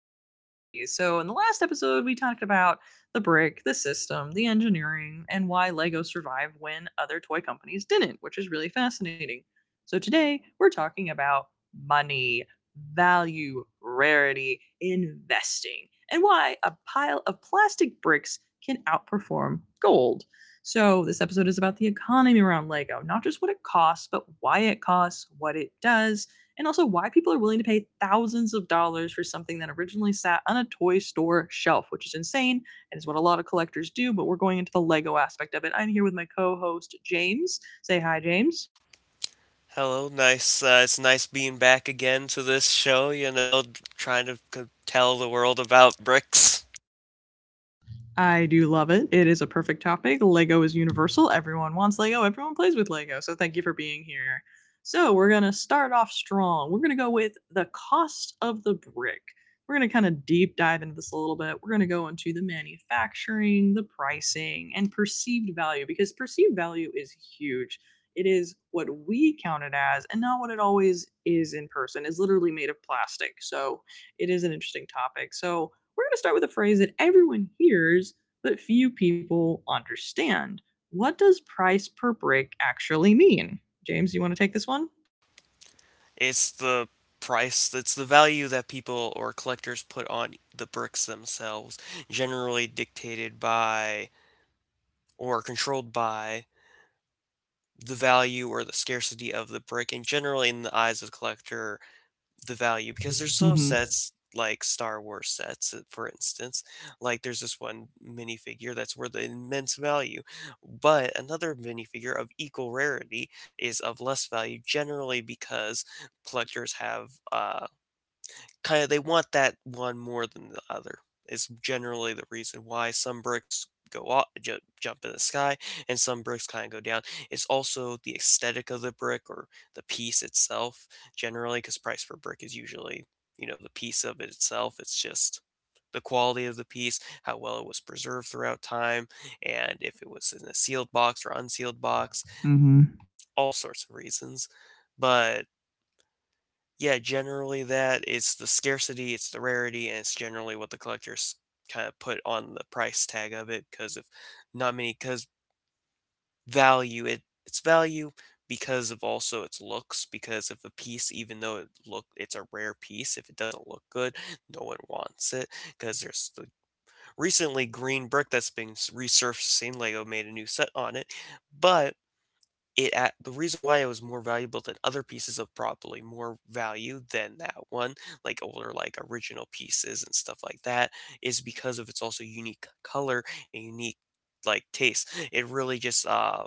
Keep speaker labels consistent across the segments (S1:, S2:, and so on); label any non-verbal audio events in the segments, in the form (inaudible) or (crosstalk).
S1: dive series. So in the last episode, we talked about the brick, the system, the engineering, and why LEGO survived when other toy companies didn't, which is really fascinating. So today we're talking about money, value, rarity, investing, and why a pile of plastic bricks can outperform gold. So this episode is about the economy around Lego, not just what it costs, but why it costs, what it does, and also why people are willing to pay thousands of dollars for something that originally sat on a toy store shelf, which is insane and is what a lot of collectors do. But we're going into the Lego aspect of it. I'm here with my co host, James. Say hi, James.
S2: Hello, nice. It's nice being back again to this show. Trying to tell the world about bricks.
S1: I do love it. It is a perfect topic. Lego is universal. Everyone wants Lego. Everyone plays with Lego. So thank you for being here. So we're going to start off strong. We're going to go with the cost of the brick. We're going to kind of deep dive into this a little bit. We're going to go into the manufacturing, the pricing, and perceived value because perceived value is huge. It is what we count it as and not what it always is in person. It's literally made of plastic. So it is an interesting topic. So we're going to start with a phrase that everyone hears but few people understand. What does price per brick actually mean? James, you want to take this one?
S2: It's the price. It's the value that people or collectors put on the bricks themselves, generally dictated by or controlled by the value or the scarcity of the brick, and generally in the eyes of the collector the value, because there's some
S1: Mhm.
S2: sets like Star Wars sets, for instance, like there's this one minifigure that's worth an immense value, but another minifigure of equal rarity is of less value generally because collectors have kinda they want that one more than the other. Is generally the reason why some bricks go up ju jump in the sky and some bricks kinda go down. It's also the aesthetic of the brick or the piece itself Generally, because price per brick is usually, the piece of it itself. It's just the quality of the piece, how well it was preserved throughout time, and if it was in a sealed box or unsealed box,
S1: Mm-hmm.
S2: all sorts of reasons. But yeah, generally that it's the scarcity, it's the rarity, and it's generally what the collectors kind of put on the price tag of it because of not many, because value it its value because of also its looks, because if a piece, even though it look, it's a rare piece, if it doesn't look good, no one wants it, because there's the recently green brick that's been resurfacing. Lego made a new set on it, but it at the reason why it was more valuable than other pieces of probably more value than that one, like older, like original pieces and stuff like that, is because of its also unique color and unique like taste. It really just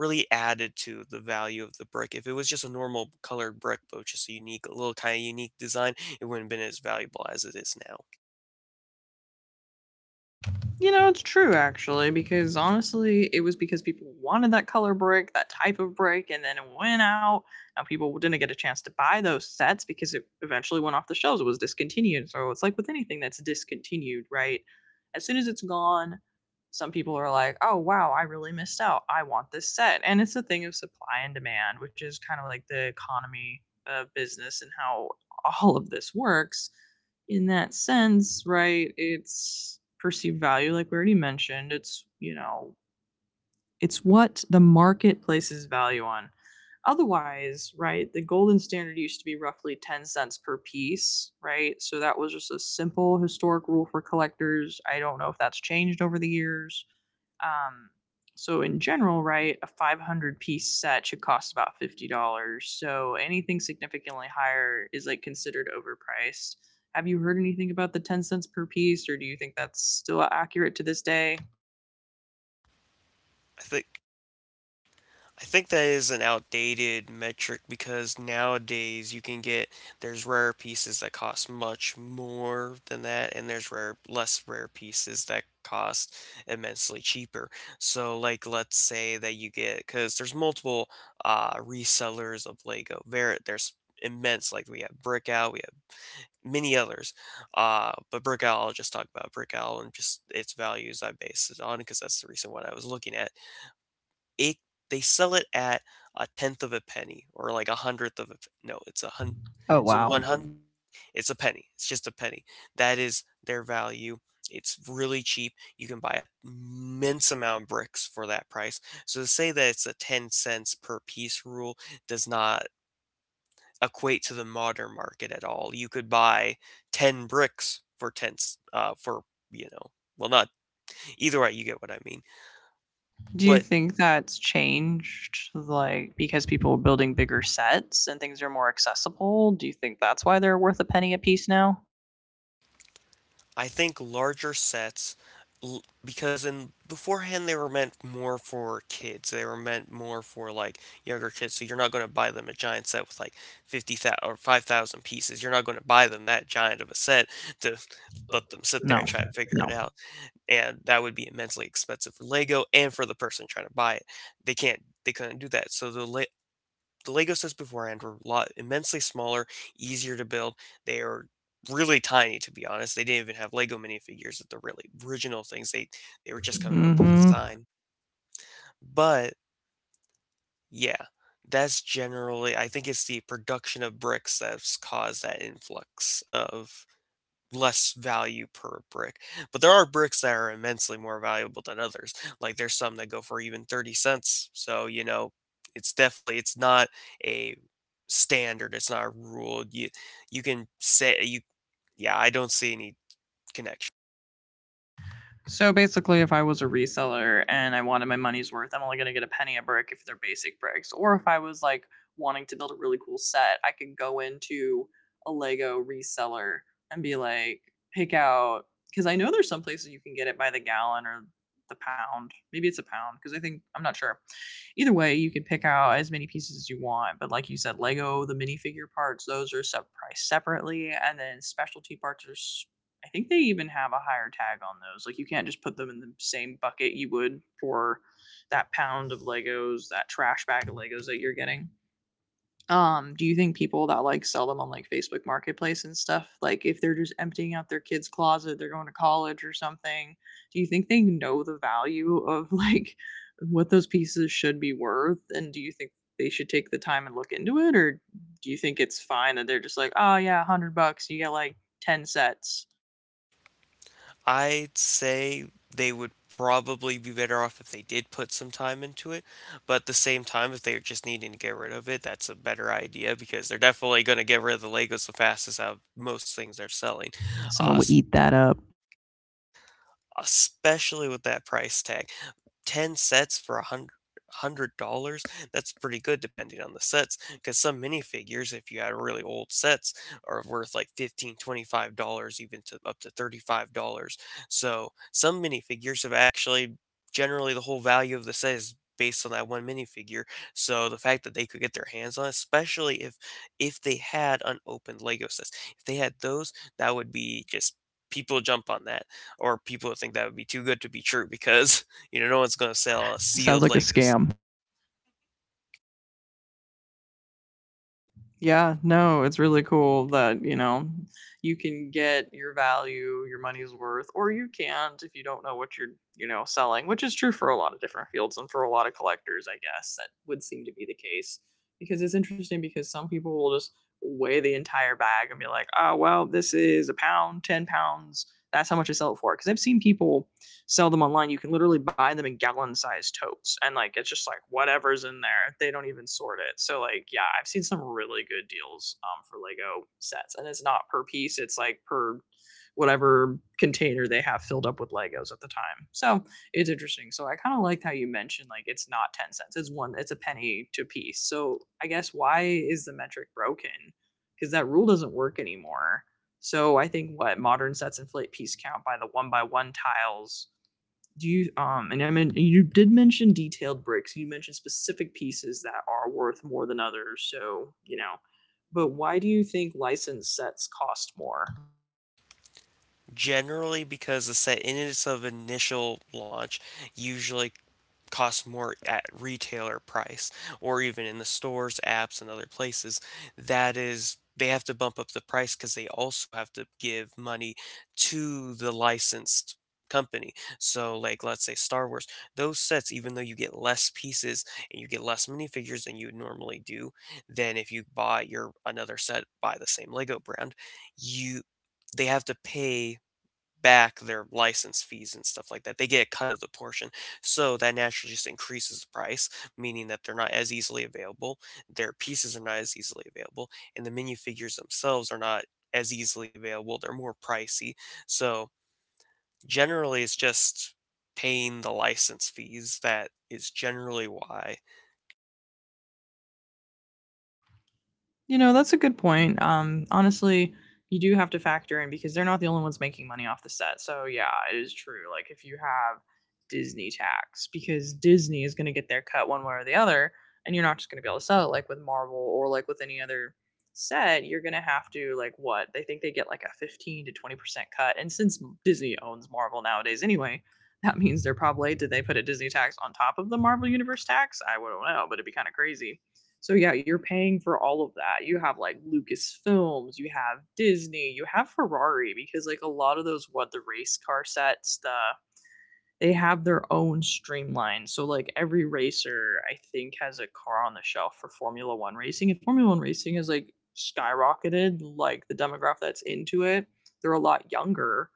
S2: really added to the value of the brick. If it was just a normal colored brick but with just a unique little kind of unique design, it wouldn't have been as valuable as it is now.
S1: You know, it's true actually, because honestly, it was because people wanted that color brick, that type of brick, and then it went out. Now people didn't get a chance to buy those sets because it eventually went off the shelves. It was discontinued. So it's like with anything that's discontinued, right? As soon as it's gone, some people are like, oh, wow, I really missed out. I want this set. And it's a thing of supply and demand, which is kind of like the economy of business and how all of this works in that sense. Right, it's perceived value, like we already mentioned. It's it's what the market places value on. Otherwise, right, the golden standard used to be roughly 10 cents per piece, right? So that was just a simple historic rule for collectors. I don't know if that's changed over the years. Um, so in general, right, a 500-piece set should cost about $50. So anything significantly higher is like considered overpriced. Have you heard anything about the 10 cents per piece or do you think that's still accurate to this day?
S2: I think I think that is an outdated metric because nowadays you can get, there's rare pieces that cost much more than that, and there's rare, less rare pieces that cost immensely cheaper. So like, let's say that you get, because there's multiple resellers of Lego. There's immense, like we have Brickout, we have many others. But Brickout, I'll just talk about Brickout and just its values I based it on because that's the recent one I was looking at. It they sell it at a tenth of a penny, or like a hundredth of a no, it's a hun
S1: Oh
S2: so one
S1: wow.
S2: hundred it's a penny, it's just a penny, that is their value. It's really cheap, you can buy a immense amount of bricks for that price. So to say that it's a 10 cents per piece rule does not equate to the modern market at all. You could buy 10 bricks for 10 for, you know well, not either way you get what I mean.
S1: Do you
S2: But
S1: think that's changed, like because people are building bigger sets and things are more accessible? Do you think that's why they're worth a penny a piece now?
S2: I think larger sets, because in beforehand they were meant more for kids. They were meant more for like younger kids. So you're not going to buy them a giant set with like 50,000 or 5,000 pieces. You're not going to buy them that giant of a set to let them sit there
S1: No.
S2: and try and figure it
S1: No.
S2: out. And that would be immensely expensive for Lego and for the person trying to buy it. They can't, they couldn't do that. So the the Lego sets beforehand were a lot immensely smaller, easier to build. They are really tiny, to be honest. They didn't even have Lego minifigures at the really original things. They were just coming up with the
S1: Mhm.
S2: design. But yeah, that's generally, I think it's the production of bricks that's caused that influx of less value per brick. But there are bricks that are immensely more valuable than others. Like there's some that go for even 30 cents. So, it's definitely, it's not a standard, it's not a rule. You can say you yeah, I don't see any connection.
S1: So basically, if I was a reseller and I wanted my money's worth, I'm only going to get a penny a brick if they're basic bricks. Or if I was like wanting to build a really cool set, I could go into a Lego reseller and be like, pick out, because I know there's some places you can get it by the gallon or the pound. Maybe it's a pound, because I think, I'm not sure. Either way, you can pick out as many pieces as you want. But like you said, Lego, the minifigure parts, those are sub priced separately. And then specialty parts are I think they even have a higher tag on those. Like you can't just put them in the same bucket you would for that pound of Legos, that trash bag of Legos that you're getting. Do you think people that like sell them on like Facebook Marketplace and stuff, like if they're just emptying out their kids' closet, they're going to college or something, do you think they know the value of (laughs) like what those pieces should be worth? And do you think they should take the time and look into it? Or do you think it's fine that they're just like, oh yeah, 100 bucks, you get like 10 sets?
S2: I'd say they would probably be better off if they did put some time into it, but at the same time, if they're just needing to get rid of it, that's a better idea because they're definitely going to get rid of the Legos the fastest out of most things they're selling. Uh,
S1: Someone would
S2: s-
S1: eat that up.
S2: especially with that price tag. 10 sets for a hundred dollars, that's pretty good depending on the sets, because some minifigures, if you had really old sets, are worth like 15, $25, even to up to 35 dollars. So some minifigures have actually, generally, the whole value of the set is based on that one minifigure. So the fact that they could get their hands on it, especially if they had unopened Lego sets, if they had those, that would be just people jump on that, or people think that would be too good to be true because, no one's gonna sell a
S1: Sounds
S2: sealed
S1: like a
S2: like this.
S1: scam. Yeah, no, it's really cool that, you know, you can get your value, your money's worth, or you can't if you don't know what you're selling, which is true for a lot of different fields and for a lot of collectors, I guess. That would seem to be the case. Because it's interesting because some people will just weigh the entire bag and be like, oh, well, this is a pound, 10 pounds. That's how much I sell it for. Because I've seen people sell them online. You can literally buy them in gallon sized totes. And like it's just like whatever's in there. They don't even sort it. So like yeah, I've seen some really good deals for Lego sets. And it's not per piece, it's like per whatever container they have filled up with Legos at the time. So it's interesting. So I kind of liked how you mentioned like it's not 10 cents. It's one it's a penny to piece. So I guess why is the metric broken? Cuz that rule doesn't work anymore. So I think what modern sets inflate piece count by the one by one tiles do you and I mean you did mention detailed bricks. You mentioned specific pieces that are worth more than others. So you know, but why do you think licensed sets cost more?
S2: Generally because the set in its of initial launch usually costs more at retailer price or even in the stores, apps, and other places. That is, they have to bump up the price because they also have to give money to the licensed company. So, like, let's say Star Wars, those sets, even though you get less pieces and you get less minifigures than you would normally do, than if you buy your another set by the same Lego brand, you they have to pay back their license fees and stuff like that. They get a cut of the portion. So that naturally just increases the price, meaning that they're not as easily available. Their pieces are not as easily available. And the menu figures themselves are not as easily available. They're more pricey. So generally, it's just paying the license fees that is generally why
S1: You know, that's a good point. Honestly, you do have to factor in because they're not the only ones making money off the set. So yeah, it is true. Like if you have Disney tax, because Disney is going to get their cut one way or the other, and you're not just going to be able to sell it like with Marvel or like with any other set. You're going to have to like what they think they get like a 15 to 20% cut, and since Disney owns Marvel nowadays anyway. That means they're probably did they put a Disney tax on top of the Marvel Universe tax? I don't know, but it'd be kind of crazy. So yeah, you're paying for all of that. You have like Lucasfilms, you have Disney, you have Ferrari because like a lot of those what the race car sets, the they have their own streamline. So like every racer I think has a car on the shelf for Formula 1 racing. And Formula 1 racing is like skyrocketed like the demographic that's into it. They're a lot younger.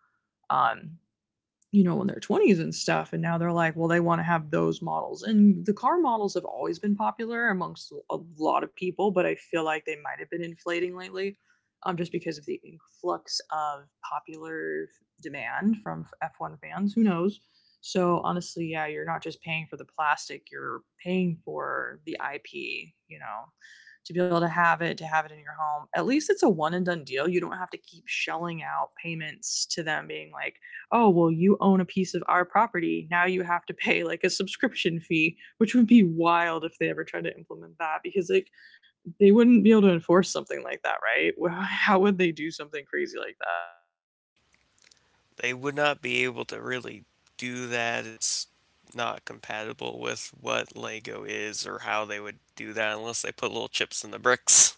S1: Um you know, in their 20s and stuff. And now they're like, well, they want to have those models. And the car models have always been popular amongst a lot of people, but I feel like they might have been inflating lately just because of the influx of popular demand from F1 fans. Who knows? So, honestly, yeah, you're not just paying for the plastic, you're paying for the IP, you know, to be able to have it in your home. At least it's a one and done deal. You don't have to keep shelling out payments to them being like, oh well you own a piece of our property now you have to pay like a subscription fee which would be wild if they ever tried to implement that because like they wouldn't be able to enforce something like that, right? Well, how would they do something crazy like that?
S2: they would not be able to really do that. It's not compatible with what Lego is or how they would do that unless they put little chips in the bricks.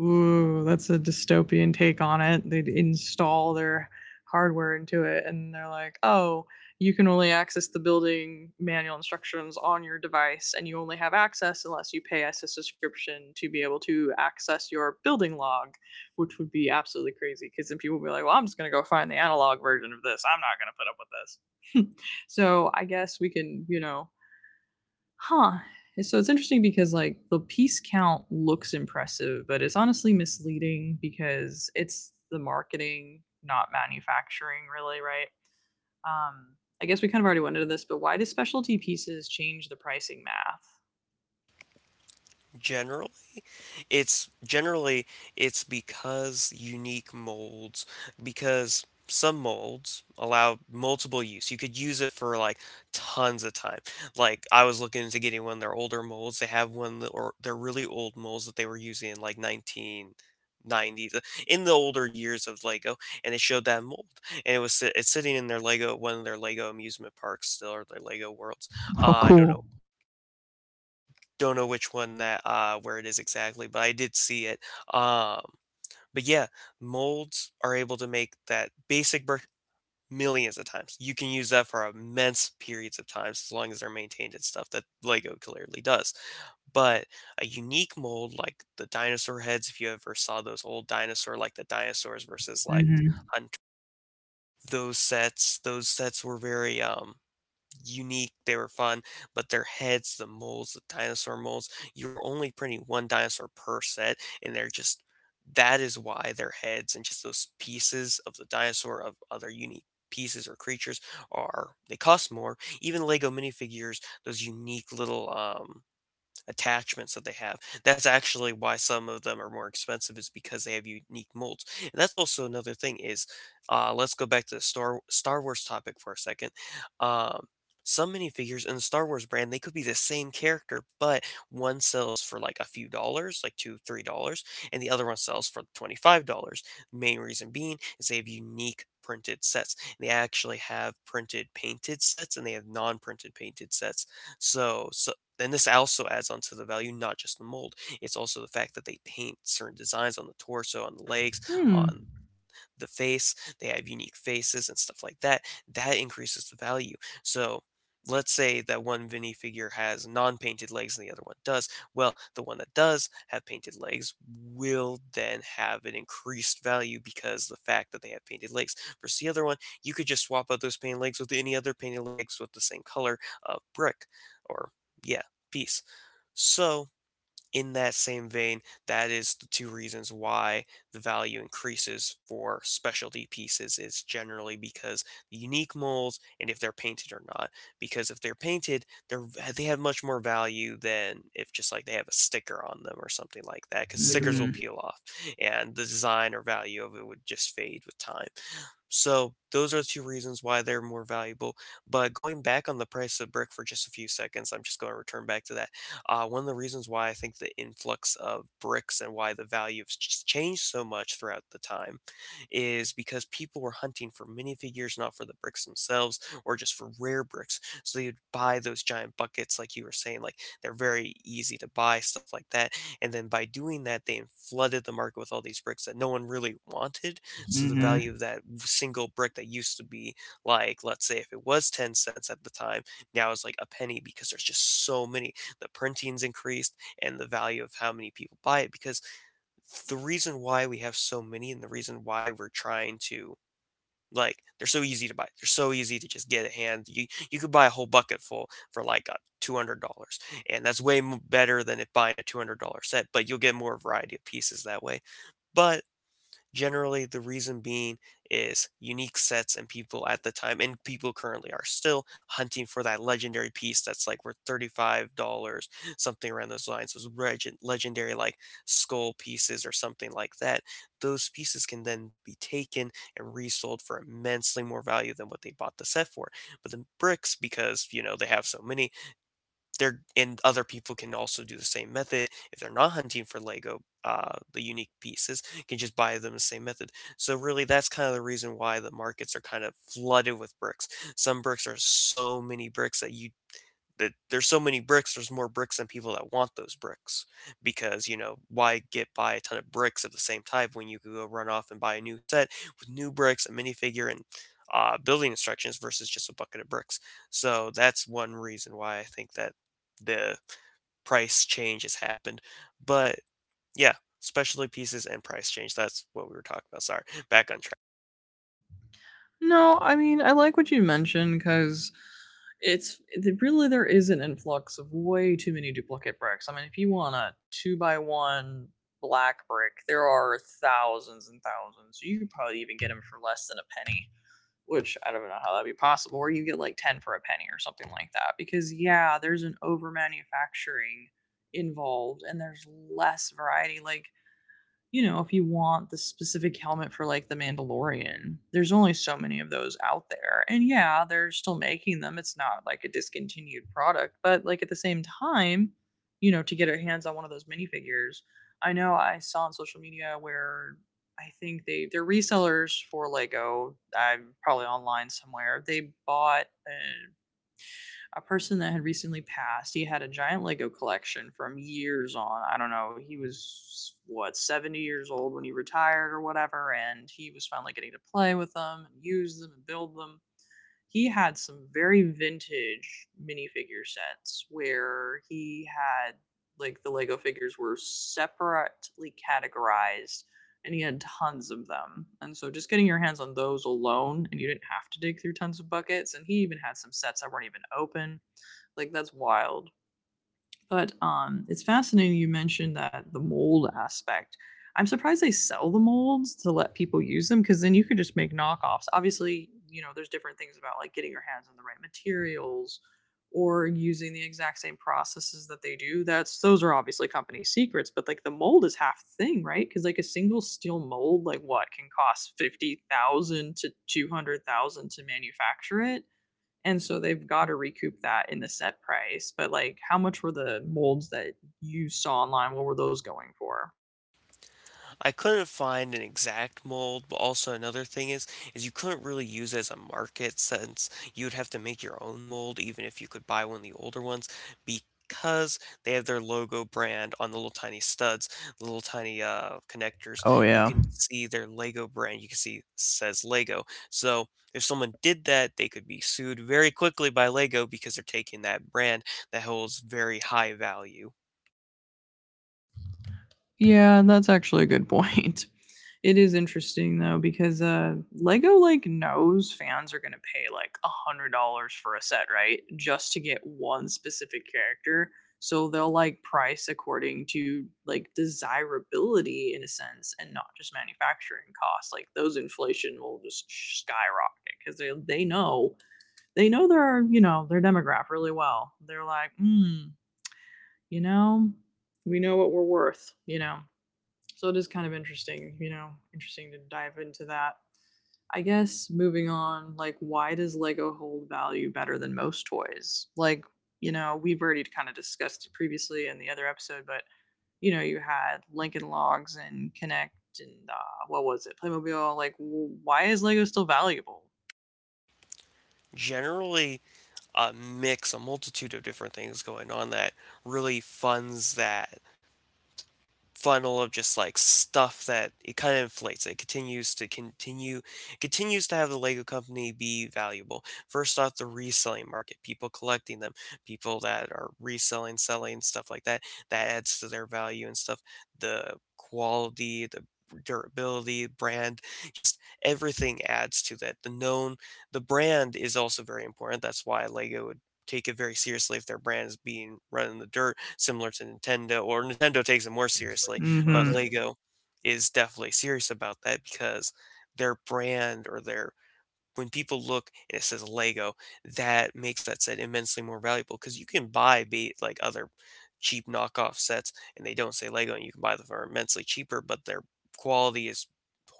S1: Ooh, that's a dystopian take on it. They'd install their hardware into it, and they're like, oh, you can only access the building manual instructions on your device, and you only have access unless you pay us a subscription to be able to access your building log, which would be absolutely crazy. Because then people would be like, well, I'm just going to go find the analog version of this. I'm not going to put up with this. (laughs) So I guess we can, you know, huh. So it's interesting because like the piece count looks impressive, but it's honestly misleading because it's the marketing, not manufacturing, really, right? Um, I guess we kind of already went into this, but why do specialty pieces change the pricing math?
S2: General It's generally, it's because unique molds, because some molds allow multiple use. You could use it for like tons of time. Like I was looking into getting one of their older molds. They have one that, or they're really old molds that they were using in like 1990s, uh, in the older years of Lego, and it showed that mold, and it was it's sitting in their Lego one of their Lego amusement parks still, or their Lego worlds.
S1: Oh,
S2: I don't
S1: cool.
S2: know don't know which one that, where it is exactly, but I did see it, um, but yeah, molds are able to make that basic brick millions of times. You can use that for immense periods of times as long as they're maintained and stuff that LEGO clearly does, but a unique mold like the dinosaur heads, if you ever saw those old dinosaur, like the dinosaurs versus, like,
S1: Mm-hmm.
S2: hunt, those sets were very, unique, they were fun, but their heads, the molds, the dinosaur molds, you're only printing one dinosaur per set, and they're just, that is why their heads and just those pieces of the dinosaur, of other unique pieces or creatures, are, they cost more. Even Lego minifigures, those unique little attachments that they have. That's actually why some of them are more expensive, is because they have unique molds. And that's also another thing is, let's go back to the Star Wars topic for a second. Um some minifigures in the Star Wars brand, they could be the same character, but one sells for like a few dollars, like 2, $3, and the other one sells for $25. Main reason being is they have unique printed sets. They actually have printed painted sets and they have non-printed painted sets. So and this also adds onto the value, not just the mold. It's also the fact that they paint certain designs on the torso, on the legs,
S1: Hmm.
S2: on the face. They have unique faces and stuff like that. That increases the value. So let's say that one Vinny figure has non-painted legs and the other one does. Well, the one that does have painted legs will then have an increased value because the fact that they have painted legs. Versus the other one, you could just swap out those painted legs with any other painted legs with the same color of brick, or yeah, piece. So in that same vein, that is the two reasons why the value increases for specialty pieces is generally because the unique molds and if they're painted or not. Because if they're painted, they have much more value than if just like they have a sticker on them or something like that. Because stickers will peel off, and the design or value of it would just fade with time. So those are two reasons why they're more valuable. But going back on the price of brick for just a few seconds, I'm just going to return back to that one of the reasons why I think the influx of bricks and why the value has changed so much throughout the time is because people were hunting for minifigures, not for the bricks themselves or just for rare bricks. So they would buy those giant buckets, like you were saying, like they're very easy to buy, stuff like that. And then by doing that, they flooded the market with all these bricks that no one really wanted. So the value of that single brick that used to be, like, let's say if it was 10 cents at the time, now it's like a penny because there's just so many, the printing's increased and the value of how many people buy it. Because the reason why we have so many and the reason why we're trying to, like, they're so easy to buy, they're so easy to just get a hand, you could buy a whole bucket full for like $200, and that's way better than it buying a $200 set, but you'll get more variety of pieces that way. But Generally, the reason being is unique sets, and people at the time, and people currently are still hunting for that legendary piece that's like worth $35, something around those lines. Those legendary, like, skull pieces or something like that. Those pieces can then be taken and resold for immensely more value than what they bought the set for. But the bricks, because, you know, they have so many, they're and other people can also do the same method. If they're not hunting for Lego, the unique pieces, can just buy them the same method. So really, that's kind of the reason why the markets are kind of flooded with bricks. Some bricks are so many bricks that you, that there's so many bricks, there's more bricks than people that want those bricks, because, you know, why get buy a ton of bricks of the same type when you could go run off and buy a new set with new bricks, a minifigure, and building instructions versus just a bucket of bricks. So that's one reason why I think that the price change has happened. But yeah specialty pieces and price change, that's what we were talking about. Sorry, back on track.
S1: No, I mean, I like what you mentioned because really there is an influx of way too many duplicate bricks. I mean, if you want a two by one black brick, there are thousands and thousands. You could probably even get them for less than a penny, which I don't know how that'd be possible. Or you get like 10 for a penny or something like that. Because, yeah, there's an over manufacturing involved and there's less variety. Like, you know, if you want the specific helmet for like the Mandalorian, there's only so many of those out there. And yeah, they're still making them. It's not like a discontinued product, but like at the same time, you know, to get our hands on one of those minifigures, I know I saw on social media where I think they're resellers for Lego. I'm probably online somewhere. They bought a person that had recently passed. He had a giant Lego collection from years on. I don't know. He was what 70 years old when he retired or whatever, and he was finally getting to play with them and use them and build them. He had some very vintage minifigure sets where he had like the Lego figures were separately categorized, and he had tons of them. And so just getting your hands on those alone, and you didn't have to dig through tons of buckets, and he even had some sets that weren't even open. Like that's wild. But it's fascinating you mentioned that the mold aspect. I'm surprised they sell the molds to let people use them because then you could just make knockoffs. Obviously, you know, there's different things about like getting your hands on the right materials or using the exact same processes that they do. That's Those are obviously company secrets, but like the mold is half the thing, right? Because like a single steel mold, like what can cost 50,000 to 200,000 to manufacture it, and so they've got to recoup that in the set price. But like, how much were the molds that you saw online? What were those going for?
S2: I couldn't find an exact mold, but also another thing is, you couldn't really use it as a market since you would have to make your own mold even if you could buy one of the older ones, because they have their logo brand on the little tiny studs, the little tiny connectors.
S1: Oh
S2: You
S1: yeah.
S2: can see their Lego brand. You can see it says Lego. So if someone did that, they could be sued very quickly by Lego because they're taking that brand that holds very high value.
S1: Yeah, that's actually a good point. It is interesting though because Lego like knows fans are gonna pay like $100 for a set, right? Just to get one specific character. So they'll like price according to like desirability in a sense and not just manufacturing costs. Like those inflation will just skyrocket because they know they know their, you know, their demographic really well. They're like, hmm, you know, we know what we're worth, you know, so it is kind of interesting, you know, interesting to dive into that. I guess moving on, like, why does Lego hold value better than most toys? Like, you know, we've already kind of discussed it previously in the other episode, but you know, you had Lincoln Logs and Connect and what was it, Playmobil? Like, why is Lego still valuable?
S2: Generally, a mix, a multitude of different things going on that really funds that funnel of just like stuff that it kind of inflates. It continues to have the Lego company be valuable. First off, the reselling market, people collecting them, people that are reselling, selling, stuff like that. That adds to their value and stuff. The quality, the durability, brand, just everything adds to that. The known, the brand is also very important. That's why Lego would take it very seriously if their brand is being run in the dirt, similar to Nintendo. Or Nintendo takes it more seriously, but
S1: Mm-hmm.
S2: Lego is definitely serious about that because their brand, or their, when people look and it says Lego, that makes that set immensely more valuable, because you can buy be like other cheap knockoff sets and they don't say Lego and you can buy them for immensely cheaper, but their quality is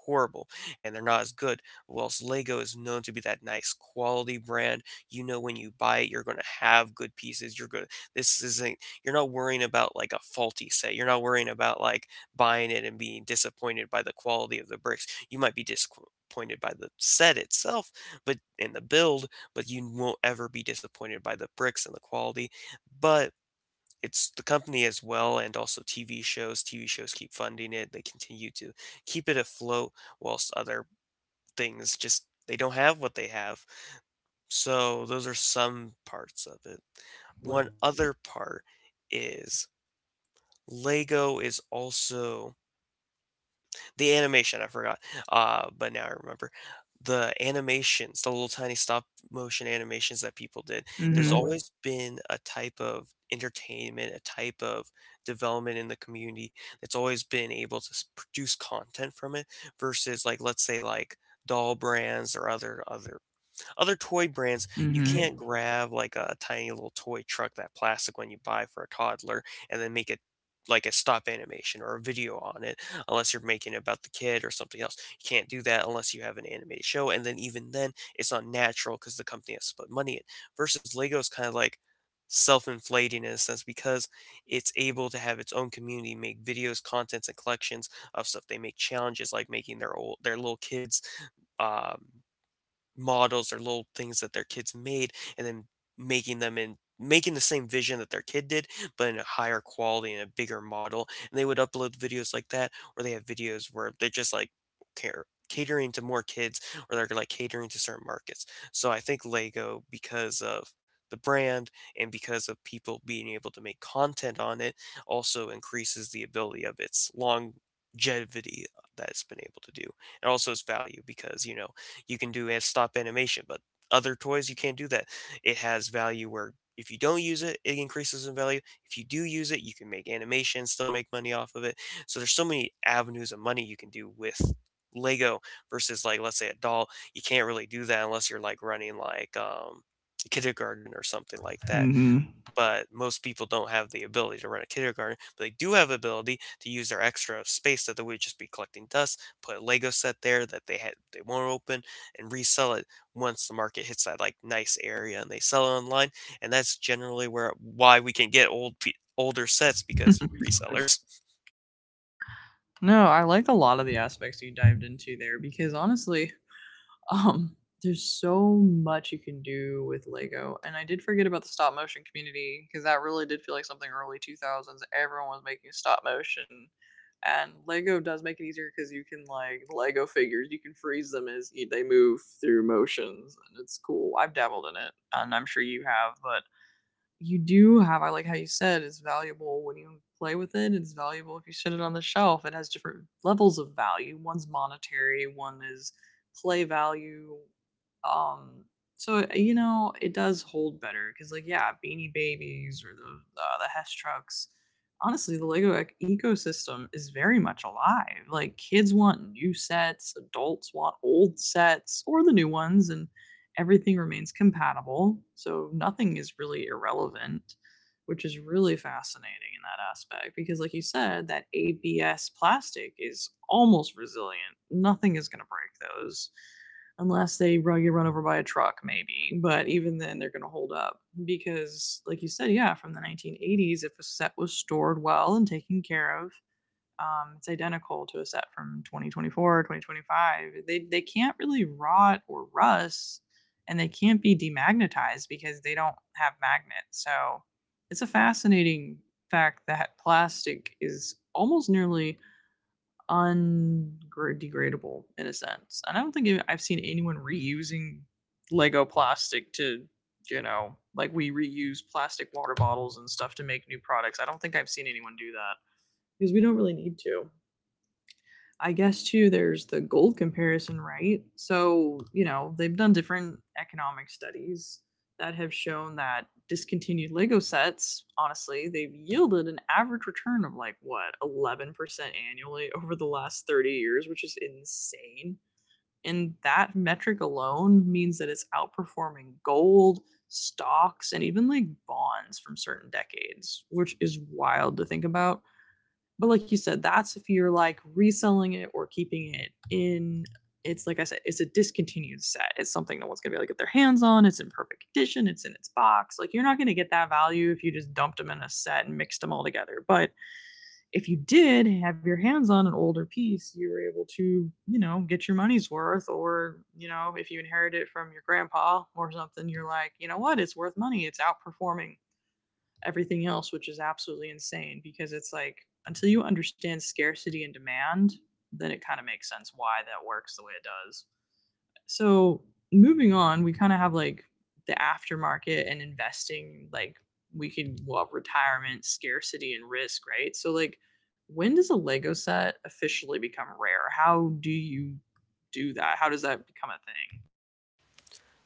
S2: horrible and they're not as good. Whilst Lego is known to be that nice quality brand, you know when you buy it, you're going to have good pieces. You're going, this isn't, you're not worrying about like a faulty set. You're not worrying about like buying it and being disappointed by the quality of the bricks. You might be disappointed by the set itself, but, and the build, but you won't ever be disappointed by the bricks and the quality. But it's the company as well, and also TV shows. TV shows keep funding it. They continue to keep it afloat, whilst other things just, they don't have what they have. So those are some parts of it. One other part is Lego is also the animation, I forgot. But now I remember the animations, the little tiny stop motion animations that people did. There's
S1: Mm-hmm.
S2: always been a type of entertainment, a type of development in the community that's always been able to produce content from it, versus, like, let's say, like, doll brands or other toy brands. You
S1: Mm-hmm.
S2: can't grab like a tiny little toy truck, that plastic one you buy for a toddler, and then make it, like, a stop animation or a video on it, unless you're making it about the kid or something else. You can't do that unless you have an animated show, and then even then, it's not natural because the company has to put money in. Versus Lego's kind of like self-inflating in a sense, because it's able to have its own community make videos, contents, and collections of stuff. They make challenges, like making their old, their little kids', um models, or little things that their kids made, and then making them in, making the same vision that their kid did, but in a higher quality and a bigger model, and they would upload videos like that. Or they have videos where they're just like care catering to more kids, or they're like catering to certain markets. So I think Lego, because of the brand and because of people being able to make content on it, also increases the ability of its longevity that it's been able to do, and also its value. Because, you know, you can do a stop animation, but other toys you can't do that. It has value where if you don't use it, it increases in value. If you do use it, you can make animation, still make money off of it. So there's so many avenues of money you can do with Lego versus, like, let's say, a doll. You can't really do that unless you're like running like kindergarten or something like that,
S1: Mm-hmm.
S2: but most people don't have the ability to run a kindergarten. But they do have ability to use their extra space that they would just be collecting dust, put a Lego set there that they had, they won't open, and resell it once the market hits that, like, nice area, and they sell it online. And that's generally where, why we can get old older sets, because
S1: (laughs)
S2: resellers.
S1: No, I liked a lot of the aspects you dived into there because honestly, Um, there's so much you can do with Lego, and I did forget about the stop motion community because that really did feel like something early 2000s. Everyone was making stop motion, and Lego does make it easier because you can like Lego figures, you can freeze them as they move through motions, and it's cool. I've dabbled in it, and I'm sure you have, but you do have, I like how you said, is valuable when you play with it. It's valuable if you set it on the shelf. It has different levels of value. One's monetary, one is play value. Um, so you know it does hold better because, like, yeah, Beanie Babies or the Hess trucks. Honestly, the Lego ecosystem is very much alive. Like, kids want new sets, adults want old sets or the new ones, and everything remains compatible, so nothing is really irrelevant, which is really fascinating in that aspect because, like you said, that ABS plastic is almost resilient. Nothing is going to break those unless get run over by a truck, maybe. But even then, they're going to hold up because, like you said, yeah, from the 1980s, if a set was stored well and taken care of, it's identical to a set from 2024, 2025. They can't really rot or rust, and they can't be demagnetized because they don't have magnets. So it's a fascinating fact that plastic is almost nearly undegradable in a sense. And I don't think I've seen anyone reusing Lego plastic to, you know, like we reuse plastic water bottles and stuff to make new products. I don't think I've seen anyone do that because we don't really need to. I guess too, there's the gold comparison, right? So, you know, they've done different economic studies that have shown that discontinued Lego sets, honestly, they've yielded an average return of like what, 11% annually (laughs) over the last 30 years, which is insane. And that metric alone means that it's outperforming gold, stocks, and even like bonds from certain decades, which is wild to think about. But like you said, that's if you're like reselling it or keeping it in. It's like I said, it's a discontinued set. It's something no one's gonna be able to get their hands on. It's in perfect condition. It's in its box. Like you're not gonna get that value if you just dumped them in a set and mixed them all together. But if you did have your hands on an older piece, you were able to, you know, get your money's worth. Or you know, if you inherit it from your grandpa or something, you're like, you know what, it's worth money. It's outperforming everything else, which is absolutely insane because it's like until you understand scarcity and demand, then it kind of makes sense why that works the way it does. So, moving on, we kind of have like the aftermarket and investing, like we could, well, retirement, scarcity, and risk, right? So, like, when does a Lego set officially become rare? How do you do that? How does that become a thing?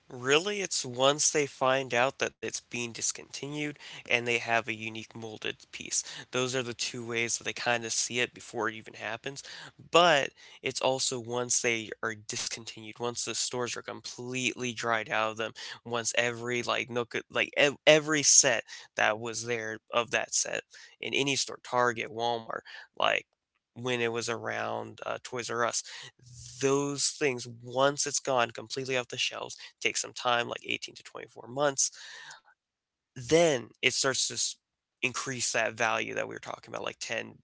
S2: Really, it's once they find out that it's being discontinued and they have a unique molded piece. Those are the two ways that they kind of see it before it even happens. But it's also once they are discontinued, once the stores are completely dried out of them, once every, like, nook, like, every set that was there of that set in any store, Target, Walmart, like, when it was around, Toys R Us, those things, once it's gone completely off the shelves, take some time, like 18 to 24 months, then it starts to increase that value that we were talking about, like 10,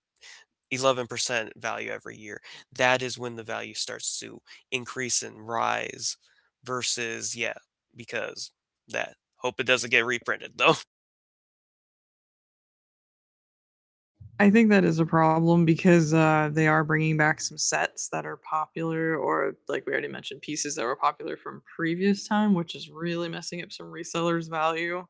S2: 11% value every year. That is when the value starts to increase and rise versus, yeah, because that. Hope it doesn't get reprinted though. (laughs)
S1: I think that is a problem because they are bringing back some sets that are popular, or like we already mentioned, pieces that were popular from previous time, which is really messing up some resellers' value,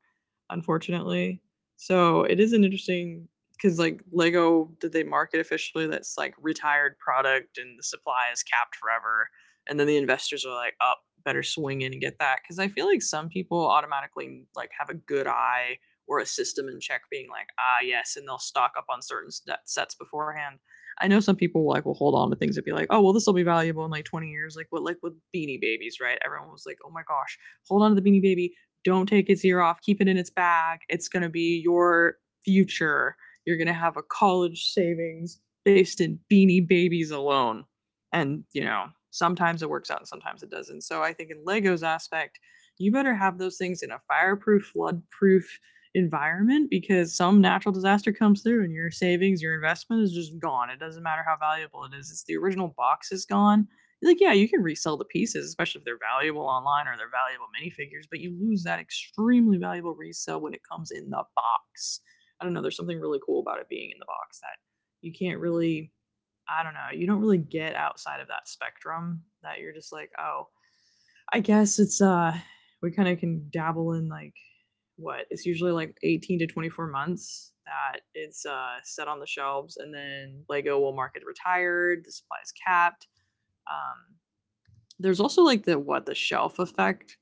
S1: unfortunately. So it is an interesting because like Lego did they market officially that's like retired product and the supply is capped forever, and then the investors are like, up, better swing in and get that because I feel like some people automatically like have a good eye or a system in check being like, ah, yes, and they'll stock up on certain sets beforehand. I know some people like will hold on to things and be like, oh, well, this will be valuable in like 20 years. Like what, like with Beanie Babies, right? Everyone was like, oh my gosh, hold on to the Beanie Baby. Don't take its ear off. Keep it in its bag. It's going to be your future. You're going to have a college savings based in Beanie Babies alone. And, you know, sometimes it works out and sometimes it doesn't. So I think in Lego's aspect, you better have those things in a fireproof, floodproof environment because some natural disaster comes through and your savings, your investment is just gone. It doesn't matter how valuable it is. It's the original box is gone. Like, yeah, you can resell the pieces, especially if they're valuable online or they're valuable minifigures, but you lose that extremely valuable resale when it comes in the box. I don't know, there's something really cool about it being in the box that you can't really, I don't know, you don't really get outside of that spectrum that you're just like, oh, I guess it's we kind of can dabble in like what it's usually like 18 to 24 months that it's set on the shelves and then Lego will mark it retired, the supply is capped. Um there's also like the what the shelf effect,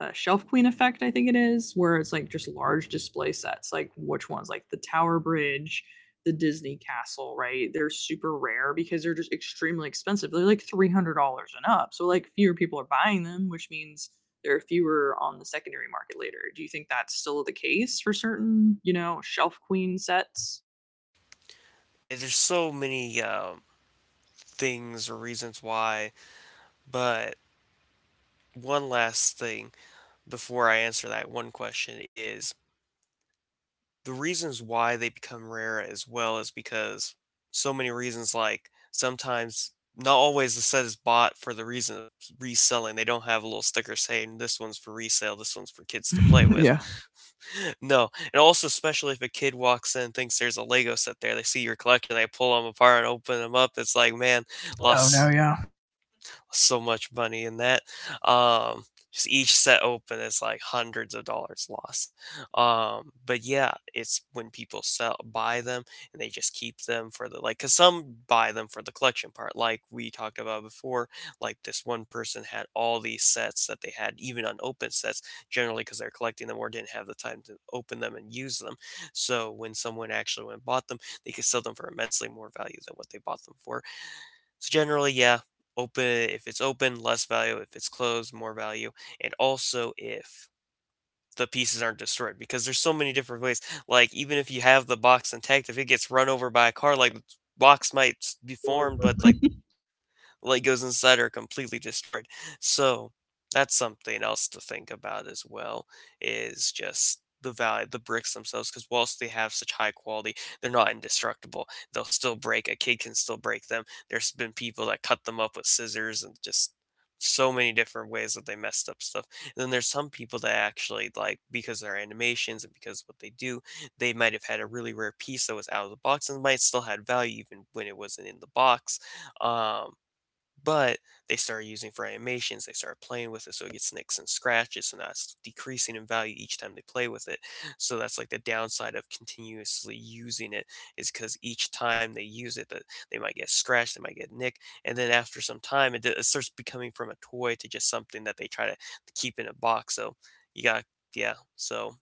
S1: Shelf Queen effect, I think it is, where it's like just large display sets, like which ones, like the Tower Bridge, the Disney Castle, right? They're super rare because they're just extremely expensive. They're like $300 and up, so like fewer people are buying them, which means there are fewer on the secondary market later. Do you think that's still the case for certain, you know, Shelf Queen sets?
S2: And there's so many things or reasons why, but one last thing before I answer that one question is the reasons why they become rare as well is because so many reasons. Like, sometimes, not always, the set is bought for the reason of reselling. They don't have a little sticker saying this one's for resale, this one's for kids to play
S1: (laughs)
S2: with.
S1: Yeah.
S2: (laughs) No, and also, especially if a kid walks in, thinks there's a Lego set there, they see your collection, they pull them apart and open them up, it's like, man,
S1: Plus. Oh no,
S2: lost
S1: yeah.
S2: so much money in that. Um, just each set open is like hundreds of dollars lost. But yeah, it's when people sell buy them and they just keep them for the, like, because some buy them for the collection part, like we talked about before. Like this one person had all these sets that they had, even unopened sets, generally because they're collecting them or didn't have the time to open them and use them. So when someone actually went and bought them, they could sell them for immensely more value than what they bought them for. So generally, yeah, open if it's open, less value. If it's closed, more value. And also if the pieces aren't destroyed, because there's so many different ways. Like even if you have the box intact, if it gets run over by a car, like the box might be formed, but like the Legos inside are completely destroyed. So that's something else to think about as well, is just the value, the bricks themselves, because whilst they have such high quality, they're not indestructible. They'll still break. A kid can still break them. There's been people that cut them up with scissors and just so many different ways that they messed up stuff. And then there's some people that actually, like, because of their animations and because of what they do, they might have had a really rare piece that was out of the box and might still had value even when it wasn't in the box. um but they start using it for animations, they start playing with it, so it gets nicks and scratches, and that's decreasing in value each time they play with it. So that's like the downside of continuously using it, is because each time they use it, that they might get scratched, they might get nicked, and then after some time, it starts becoming from a toy to just something that they try to keep in a box. So you got yeah. So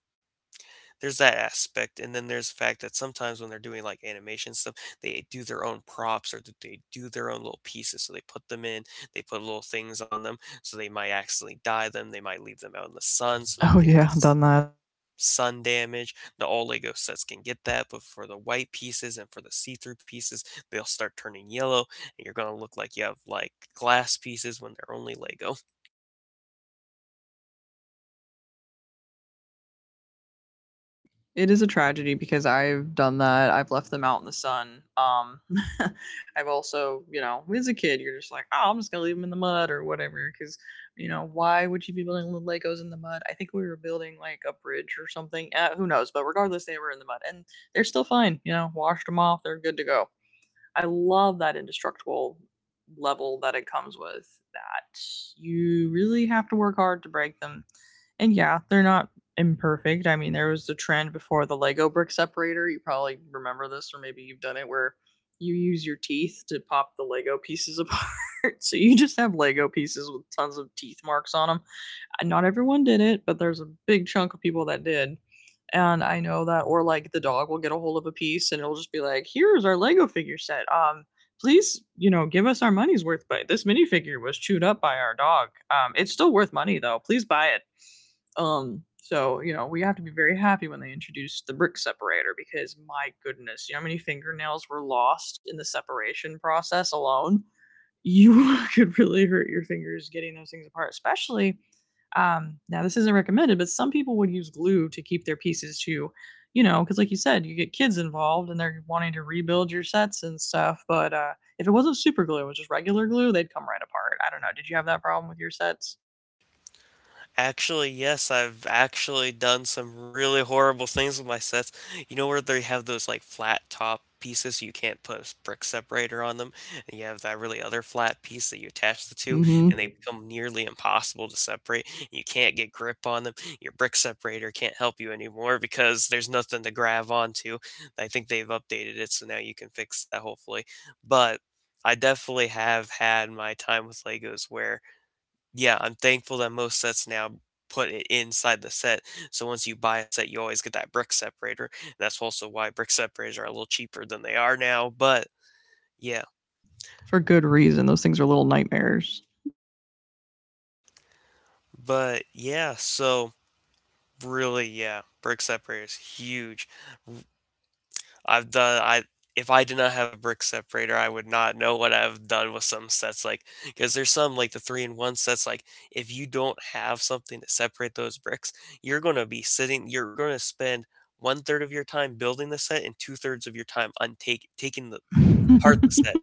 S2: there's that aspect, and then there's the fact that sometimes when they're doing, like, animation stuff, they do their own props, or th they do their own little pieces, so they put them in, they put little things on them, so they might accidentally dye them, they might leave them out in the sun, so they
S1: Oh
S2: get
S1: yeah,
S2: s
S1: done that.
S2: sun damage. Now all LEGO sets can get that, but for the white pieces and for the see-through pieces, they'll start turning yellow, and you're gonna look like you have, like, glass pieces when they're only LEGO.
S1: It is a tragedy because I've done that. I've left them out in the sun. (laughs) I've also, you know, as a kid, you're just like, oh, I'm just gonna leave them in the mud or whatever. Because, you know, why would you be building little Legos in the mud? I think we were building like a bridge or something. Who knows? But regardless, they were in the mud, and they're still fine. You know, washed them off. They're good to go. I love that indestructible level that it comes with. That you really have to work hard to break them, and yeah, they're not imperfect. I mean, there was the trend before the Lego brick separator. You probably remember this, or maybe you've done it where you use your teeth to pop the Lego pieces apart. (laughs) So you just have Lego pieces with tons of teeth marks on them. Not everyone did it, but there's a big chunk of people that did. And I know that, or like the dog will get a hold of a piece and it'll just be like, here's our Lego figure set. Please, give us our money's worth. But this minifigure was chewed up by our dog. It's still worth money though. Please buy it. So we have to be very happy when they introduced the brick separator because my goodness, you know how many fingernails were lost in the separation process alone. You (laughs) could really hurt your fingers getting those things apart, especially. Now this isn't recommended, but some people would use glue to keep their pieces to, because like you said, you get kids involved and they're wanting to rebuild your sets and stuff. But if it wasn't super glue, it was just regular glue, they'd come right apart. I don't know. Did you have that problem with your sets?
S2: Actually, yes, I've actually done some really horrible things with my sets. You know where they have those like flat top pieces you can't put a brick separator on them, and you have that really other flat piece that you attach
S1: Yes.
S2: the two,
S1: Mhm.
S2: and they become nearly impossible to separate. You can't get grip on them. Your brick separator can't help you anymore because there's nothing to grab onto. I think they've updated it, so now you can fix that, hopefully. But I definitely have had my time with Legos where, yeah, I'm thankful that most sets now put it inside the set. So once you buy a set, you always get that brick separator. That's also why brick separators are a little cheaper than they are now. Yeah,
S1: For good reason. Those things are little nightmares.
S2: but yeah, so really, yeah, brick separators huge. I've done I If I did not have a brick separator, I would not know what I've done with some sets. Like, cause there's some, like, the three-in-one sets, like, if you don't have something to separate those bricks, you're gonna spend one third of your time building the set and 2 thirds of your time untake taking the apart
S1: (laughs)
S2: the set.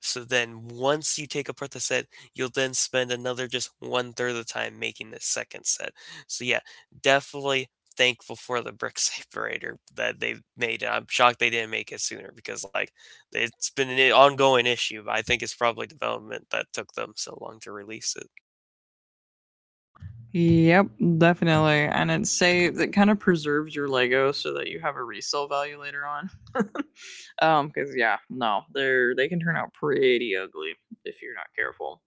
S2: So then once you take apart the set, you'll then spend another just one third of the time making the second set. So yeah, definitely thankful for the brick (laughs) separator that they made. And I'm shocked they didn't make it sooner, because, like, it's been an ongoing issue, but I think it's probably development that took them so long to release it.
S1: Yep, definitely. And it kind of preserves your Lego so that you have a resale value later on. (laughs) Because yeah, no, they can turn out pretty ugly if you're not careful.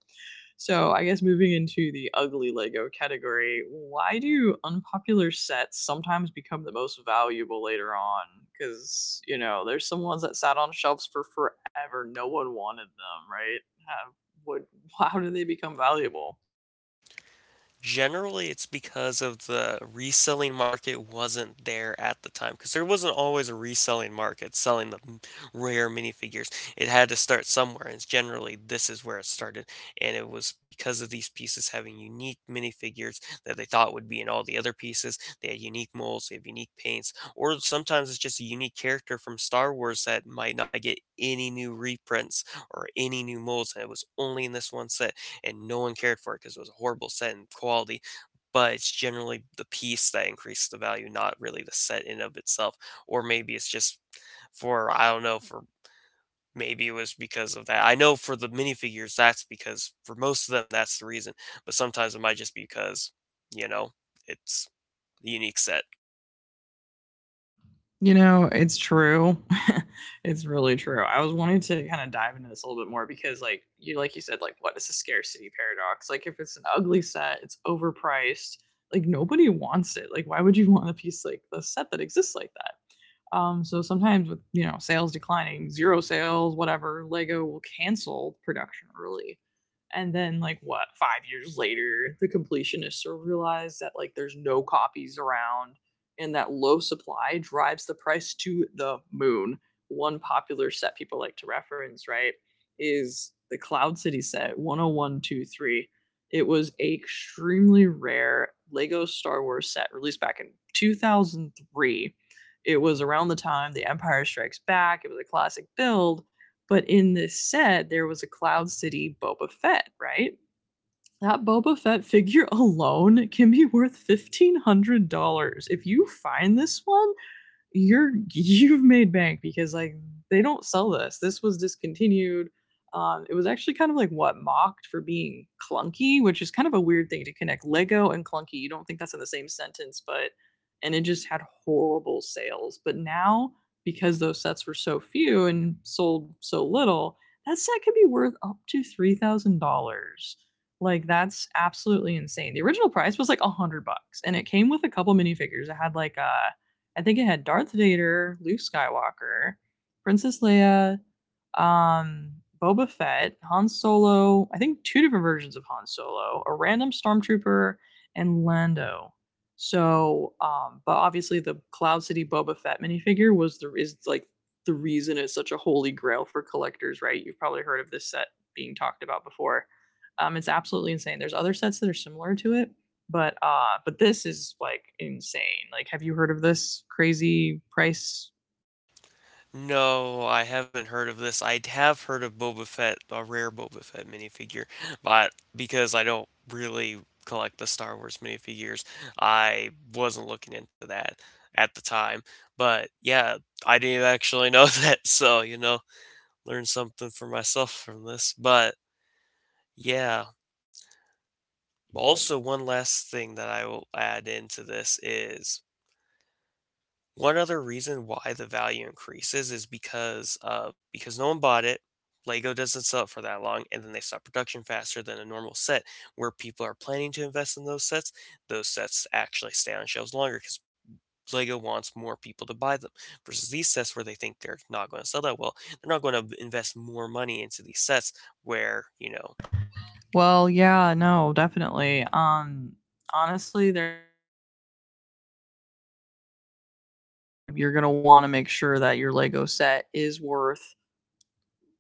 S1: So I guess moving into the ugly Lego category, why do unpopular sets sometimes become the most valuable later on? Because you know, there's some ones that sat on shelves for forever. No one wanted them, right? Have, what? (laughs) How do they become valuable?
S2: Generally, it's because of the reselling market wasn't there at the time, because there wasn't always a reselling market selling the rare minifigures. It had to start somewhere, and generally this is where it started. And it was because of these pieces having unique minifigures that they thought would be in all the other pieces. They had unique molds, they have unique paints, or sometimes it's just a unique character from Star Wars that might not get any new reprints or any new molds, and it was only in this one set, and no one cared for it because it was a horrible set in quality. But it's generally the piece that increases the value, not really the set in of itself. Or maybe it's just, for, I don't know, for maybe it was because of that. I know for the minifigures, that's because for most of them that's the reason. But sometimes it might just be because, you know, it's a unique set.
S1: You know, it's true. (laughs) It's really true. I was wanting to kind of dive into this a little bit more because like you said, like what is the scarcity paradox? Like if it's an ugly set, it's overpriced. Like nobody wants it. Like why would you (laughs) want a piece like the set that exists like that? So sometimes with sales declining, zero sales, whatever, Lego will cancel production early, and then like what 5 years later, the completionists will realize that like there's no copies around, and that low supply drives the price to the moon. One popular set people like to reference, right, is the Cloud City set 10123. It was a extremely rare Lego Star Wars set released back in 2003. It was around the time The Empire Strikes Back. It was a classic build, but in this set there was a Cloud City Boba Fett, right? That Boba Fett figure (laughs) alone can be worth $1,500. If you find this one, you're (laughs) you've made bank because like they don't sell this. This was discontinued. It was actually kind of like what mocked for being clunky, which is kind of a weird thing to connect Lego and clunky. You don't think that's in the same sentence, but and it just had horrible sales. But now because those sets were so few and sold so little, that set could be worth up to $3,000. Like that's absolutely insane. The original price was like 100 bucks, and it came with a couple minifigures. It had like a I think it had Darth Vader, Luke Skywalker, Princess Leia, um, Boba Fett, Han Solo, I think two different versions of Han Solo, a random stormtrooper, and Lando. But obviously the Cloud City Boba Fett minifigure was the is like the reason it's such a holy grail for collectors, right? You've probably heard of this set being talked about before. It's absolutely insane. There's other sets that are similar to it, but this is like insane. Like, have you heard of this crazy price?
S2: No, I haven't heard of this. I have heard of Boba Fett, a rare Boba Fett minifigure, but because I don't really collect the Star Wars minifigures, I wasn't looking into that at the time. But yeah, I didn't actually know (laughs) that, so, learned something for myself from this. But yeah, also one last thing that I will add into this is, one other reason why the value increases is because no one bought it. Lego doesn't sell it for that long, and then they stop production faster than a normal set. Where people are planning to invest in those sets actually stay on shelves longer because Lego wants more people to buy them. Versus these sets where they think they're not going to sell that well, they're not going to invest more money into these sets. Where you know
S1: Well, yeah, no, definitely. Honestly, they're not going to invest the money because why? They're, you know, you're going to want to make sure that your Lego set is worth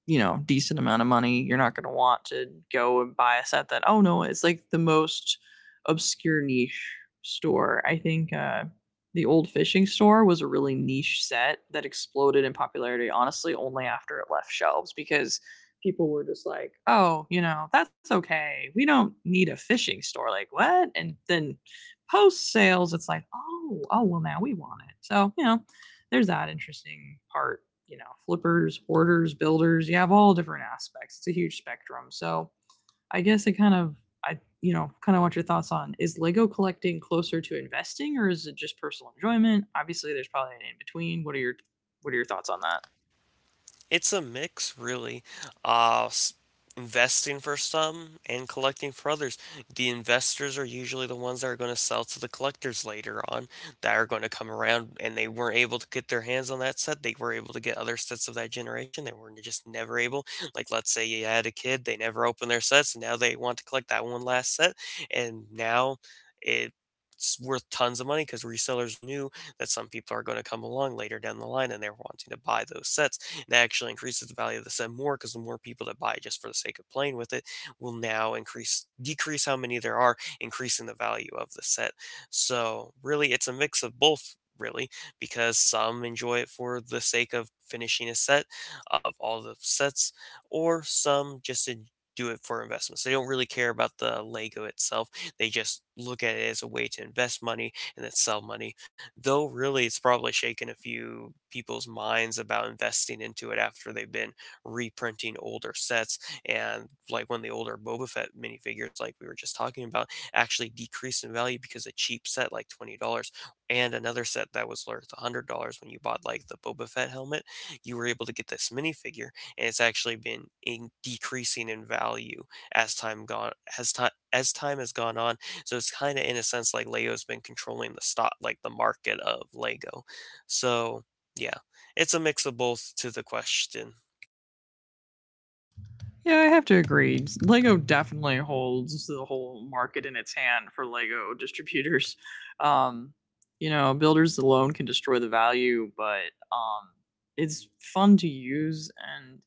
S1: decent amount of money. You're not going to want to go and buy a set that, oh no, it's like the most obscure niche store. I think the old fishing store was a really niche set that exploded in popularity honestly only after it left shelves because people were just like, oh you know, that's okay, we don't need a fishing store, like what? And then post sales it's like, oh, oh well, now we want it. So you know, there's that interesting part, you know, flippers, hoarders, builders. You have all different aspects. It's a huge spectrum. So I guess I kind of, I, you know, kind of want your thoughts on, is Lego collecting closer to investing or is it just personal enjoyment? Obviously, there's probably an in between. What are your thoughts on that?
S2: It's a mix, really. Uh, s- Investing for some and collecting for others. The investors are usually the ones that are going to sell to the collectors later on, that are going to come around and they weren't able to get their hands on that set. They were able to get other sets of that generation. They were just never able. Like, let's say you had a kid, they never opened their sets, and now they want to collect that one last set. And now it it's worth tons of money because resellers knew that some people are going to come along later down the line and they're wanting to buy those sets. That actually increases the value of the set more, because the more people that buy just for the sake of playing with it will now increase decrease how many there are, increasing the value of the set. So really, it's a mix of both. Really, because some enjoy it for the sake of finishing a set of all the sets, or some just do it for investments. They don't really care about the Lego itself. They just look at it as a way to invest money and then sell money, though really it's probably shaken a few people's minds about investing into it after they've been reprinting older sets. And like one of the older Boba Fett minifigures like we were just talking about actually decreased in value, because a cheap set like $20 and another set that was worth $100, when you bought like the Boba Fett helmet, you were able to get this minifigure, and it's actually been in decreasing in value as time gone as time has gone on. So it's kind of, in a sense, like Lego's been controlling the stock, like the market of Lego. So yeah, it's a mix of both to the question.
S1: Yeah, I have to agree. Lego definitely holds the whole market in its hand for Lego distributors. Um, you know, builders alone can destroy the value, but it's fun to use and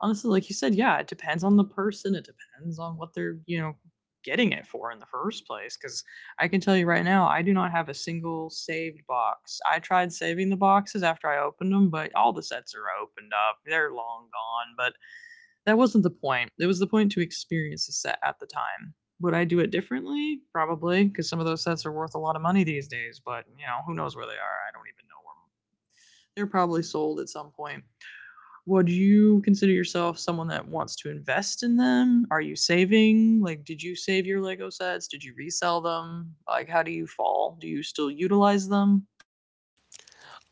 S1: honestly, like you said, yeah, it depends on the person. It depends on what they're, you know, getting it for in the first place. Because I can tell you right now, I do not have a single saved box. I tried saving the boxes after I opened them, but all the sets are opened up. They're long gone. But that wasn't the point. It was the point to experience the set at the time. Would I do it differently? Probably, because some of those sets are worth a lot of money these days. But, you know, who knows where they are? I don't even know where they're probably sold at some point. Would you consider yourself someone that wants to invest in them? Are you saving? Like, did you save your Lego sets? Did you resell them? Like, how do you fall? Do you still utilize them?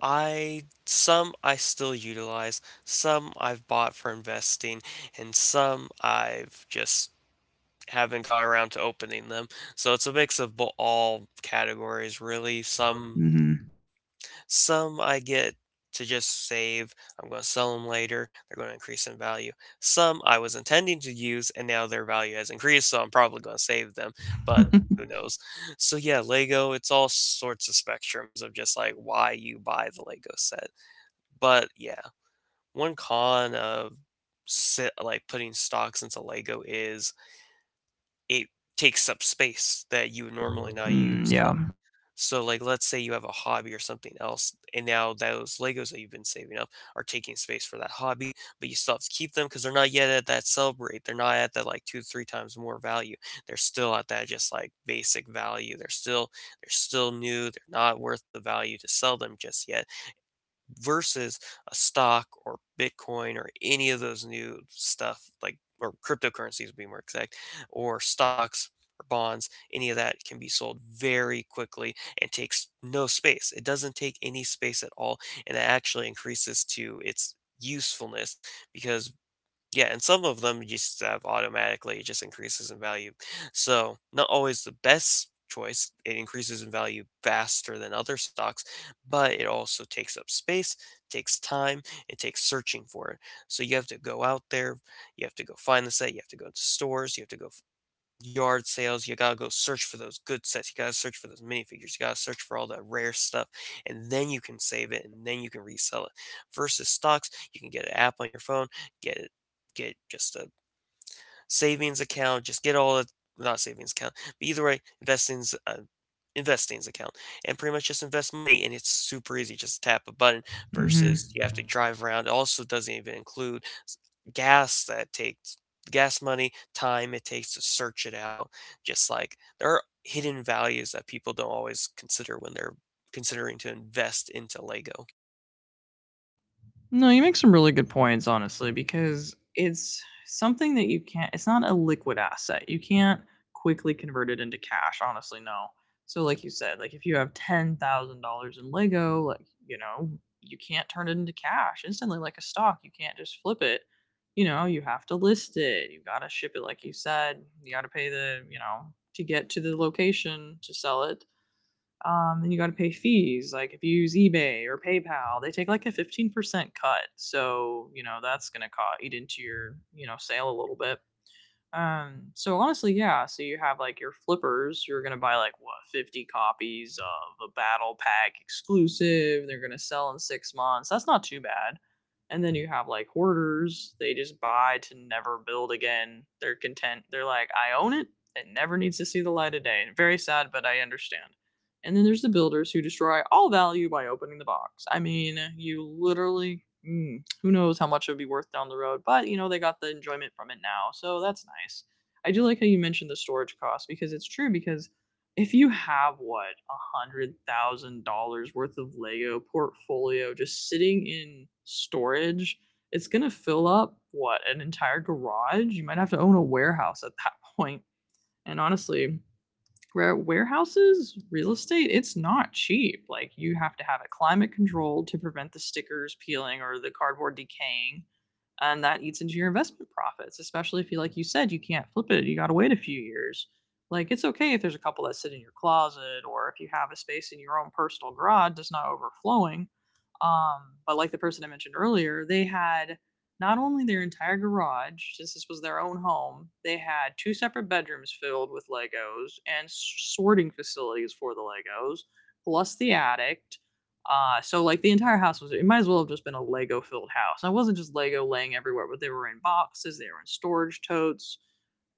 S2: I Some I still utilize, some I've bought for investing, and some I've just haven't got around to opening them. So it's a mix of all categories, really. Some
S1: Mm-hmm.
S2: Some I get to just save. I'm going to sell them later. They're going to increase in value. Some I was intending to use and now their value has increased, so I'm probably going to save them, but
S1: (laughs) But
S2: who knows. So yeah, Lego, it's all sorts of spectrums of just like why you buy the Lego set. But yeah, one con of like putting stocks into Lego is it takes up space that you would normally
S1: (laughs)
S2: not
S1: mm,
S2: use.
S1: yeah.
S2: So like let's say you have a hobby or something else and now those Legos that you've been saving up are taking space for that hobby, but you still have to keep them because they're not yet at that sell rate. They're not at that like two, three times more value. They're still at that just like basic value. They're still new. They're not worth the value to sell them just yet versus a stock or Bitcoin or any of those new stuff like or cryptocurrencies to be more exact or stocks or bonds, any of that can be sold very quickly and takes no space. It doesn't take any space at all, and it actually increases to its usefulness because yeah, and some of them you just have automatically, it just increases in value. So, not always the best choice. It increases in value faster than other stocks, but it also takes up space, takes time, it takes searching for it. So, you have to go out there, you have to go find the site, you have to go to stores, you have to go yard sales. You gotta go search for those good sets. You gotta search for those minifigures. You gotta search for all that rare stuff, and then you can save it and then you can resell it. Versus stocks, you can get an app on your phone, get it, get just a savings account, just get all the not savings account. But either way, investing's a Investings account, and pretty much just invest money, and it's super easy. Just tap a button versus you have to drive around. It also doesn't even include gas that takes gas money, time it takes to search it out. Just like there are hidden values that people don't always consider when they're considering to invest into Lego.
S1: No, you make some really good points, honestly, because it's something that you can't, it's not a liquid asset. You can't quickly convert it into cash, honestly, no. So, like you said, like if you have $10,000 in Lego, like, you know, you can't turn it into cash instantly like a stock. You can't just flip it. You know, you have to list it. You got to ship it, like you said. You got to pay the, you know, to get to the location to sell it and you got to pay fees. Like if you use eBay or PayPal, they take like a 15% cut. So you know that's gonna eat into your sale a little bit. So honestly, yeah. So you have like your flippers. You're gonna buy like what 50 copies of a battle pack exclusive. They're gonna sell in 6 months. That's not too bad. And then you have like hoarders. They just buy to never build again. They're content. They're like, I own it. It never needs to see the light of day. Very sad, but I understand. And then there's the builders who destroy all value by opening the box. I mean, you literally. Mm, who knows how much it'll be worth down the road, but you know, they got the enjoyment from it now. So that's nice. I do like how you mentioned the storage cost because it's true because if you have what $100,000 worth of Lego portfolio just sitting in storage, it's gonna fill up what an entire garage. You might have to own a warehouse at that (laughs) point. And honestly, warehouses, real estate, it's not cheap. Like you have to have it climate controlled to prevent the stickers peeling or the cardboard decaying. And that eats into your investment profits, especially if you, like you said, you can't flip it. You got to wait a few years. Like it's okay if there's a couple that sit in your closet or if you have a space in your own personal garage that's not overflowing. But like the person I mentioned earlier, they had not only their entire garage, since this was their own home, they had two separate bedrooms filled with Legos and sorting facilities for the Legos, plus the attic. So like the entire house was it might as well have just been a Lego filled house. And it wasn't just Lego laying everywhere, but they were in boxes, they were in storage totes,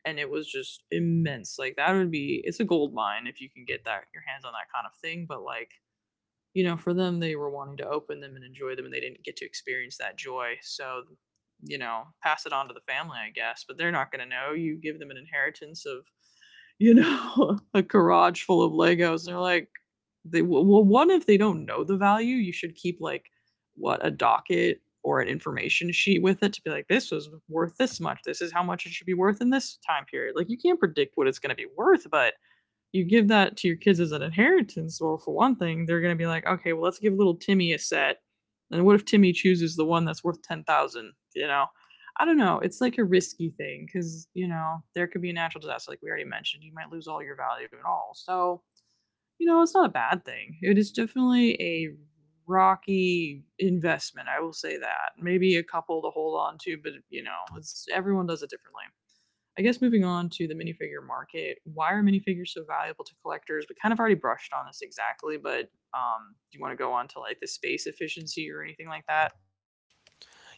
S1: and it was just immense. Like that would be it's a gold mine if you can get that your hands on that kind of thing, but like you know, for them, they were wanting to open them and enjoy them, and they didn't get to experience that joy. So, you know, pass it on to the family, I guess. But they're not going to know. You give them an inheritance of, you know, (laughs) a garage full of Legos, and they're like, they well, one if they don't know the value, you should keep like what a docket or an information sheet with it to be like, this was worth this much. This is how much it should be worth in this time period. Like, you can't predict what it's going to be worth, but you give that to your kids as an inheritance, or for one thing, they're going to be like, okay, well, let's give little Timmy a set. And what if Timmy chooses the one that's worth 10,000? You know, I don't know. It's like a risky thing because, you know, there could be a natural disaster, like we already mentioned. You might lose all your value at all. So, you know, it's not a bad thing. It is definitely a rocky investment. I will say that. Maybe a couple to hold on to, but, you know, it's, everyone does it differently. I guess moving on to the minifigure market, why are minifigures so valuable to collectors? We kind of already brushed on this exactly, but do you want to go on to like the space efficiency or anything like that?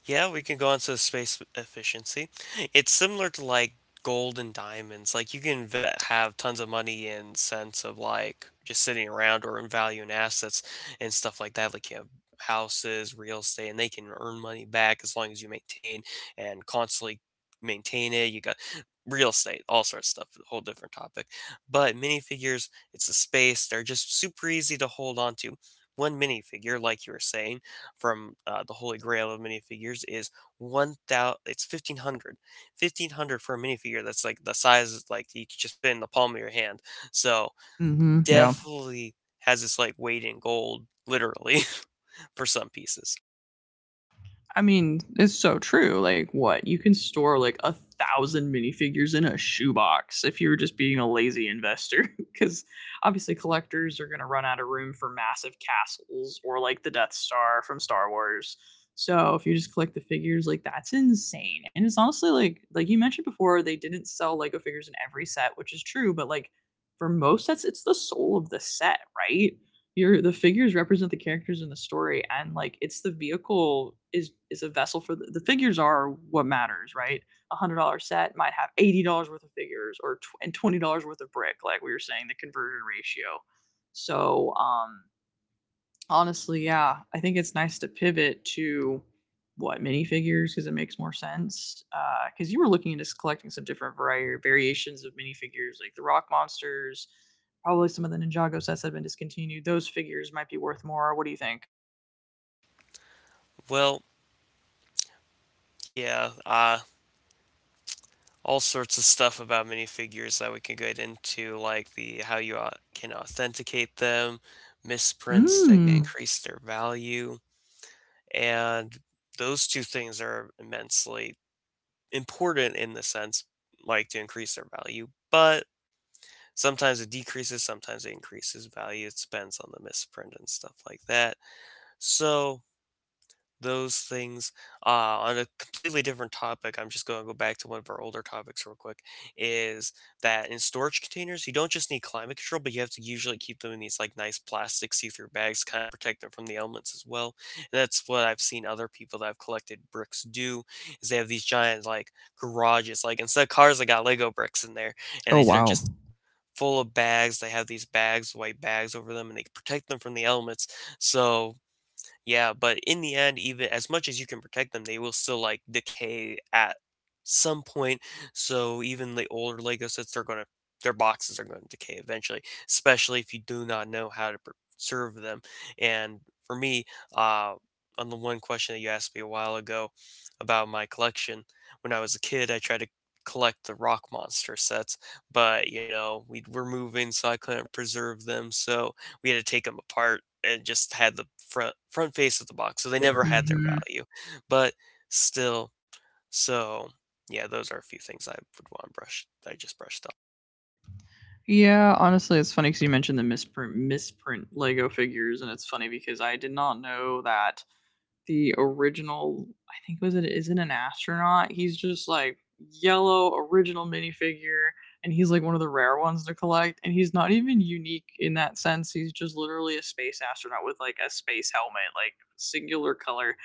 S2: Yeah, we can go on to space efficiency. It's similar to like gold and diamonds. Like you can have tons of money in sense of like just sitting around or in value in assets and stuff like that. Like you have houses, real estate, and they can earn money back as long as you maintain and constantly maintain it. You got real estate, all sorts of stuff, a whole different topic. But minifigures, it's a space. They're just super easy to hold on to. One minifigure, like you were saying from the holy grail of minifigures is 1,000 it's 1500, 1500 for a minifigure that's like the size is like you could just fit in the palm of your hand, so
S1: Mm-hmm.
S2: definitely has its like weight in gold literally (laughs) for some pieces.
S1: I mean, it's so true. Like, what? You can store like a thousand minifigures in a shoebox if you were just being a lazy investor. Because (laughs) obviously, collectors are going to run out of room for massive castles or like the Death Star from Star Wars. So if you just collect the figures, like that's insane. And it's honestly like you mentioned before, they didn't sell Lego figures in every set, which is true, but like for most sets it's the soul of the set, right? Your the figures represent the characters in the story and like it's the vehicle is a vessel for the figures are what matters right. $100 set might have $80 worth of figures or and $20 worth of brick like we were saying the conversion ratio. So honestly, yeah. I think it's nice to pivot to what minifigures because it makes more sense. Because you were looking into collecting some different variations of minifigures, like the Rock Monsters, probably some of the Ninjago sets that have been discontinued. Those figures might be worth more. What do you think?
S2: Well, yeah, all sorts of stuff about minifigures that we can get into, like the how you can authenticate them,
S1: Misprints.
S2: misprints that can
S1: Mm.
S2: increase their value, and those two things are immensely important in the sense like to increase their value, but sometimes it decreases, sometimes it increases value. It depends on the misprint and stuff like that. So those things. On a completely different topic, I'm just going to go back to one of our older topics real quick. Is that in storage containers, you don't just need climate control, but you have to usually keep them in these like nice plastic see-through bags, to kind of protect them from the elements as well. And that's what I've seen other people that have collected bricks do. Is they have these giant like garages, like instead of cars, they got Lego bricks in there, and they're just full of bags. They have these bags, white bags over them, and they protect them from the elements. So yeah, but in the end, even as much as you can protect them, they will still like decay at some point. So even the older Lego sets, they're gonna their boxes are going to decay eventually, especially if you do not know how to preserve them. And for me, uh, on the one question that you asked me a while ago about my collection, when I was a kid, I tried to collect the Rock Monster sets, but you know we were moving, so I couldn't preserve them. So we had to take them apart and just had the front face of the box, so they never had their
S1: Hmm.
S2: value. But still, so yeah, those are a few things I would want brushed I just brushed up.
S1: Yeah, honestly, it's funny because you mentioned the misprint Lego figures, and it's funny because I did not know that the original, I think was it isn't an astronaut. He's just like yellow original minifigure, and he's like one of the rare ones to collect, and he's not even unique in that sense. He's just literally a space astronaut with like a space helmet, like singular color.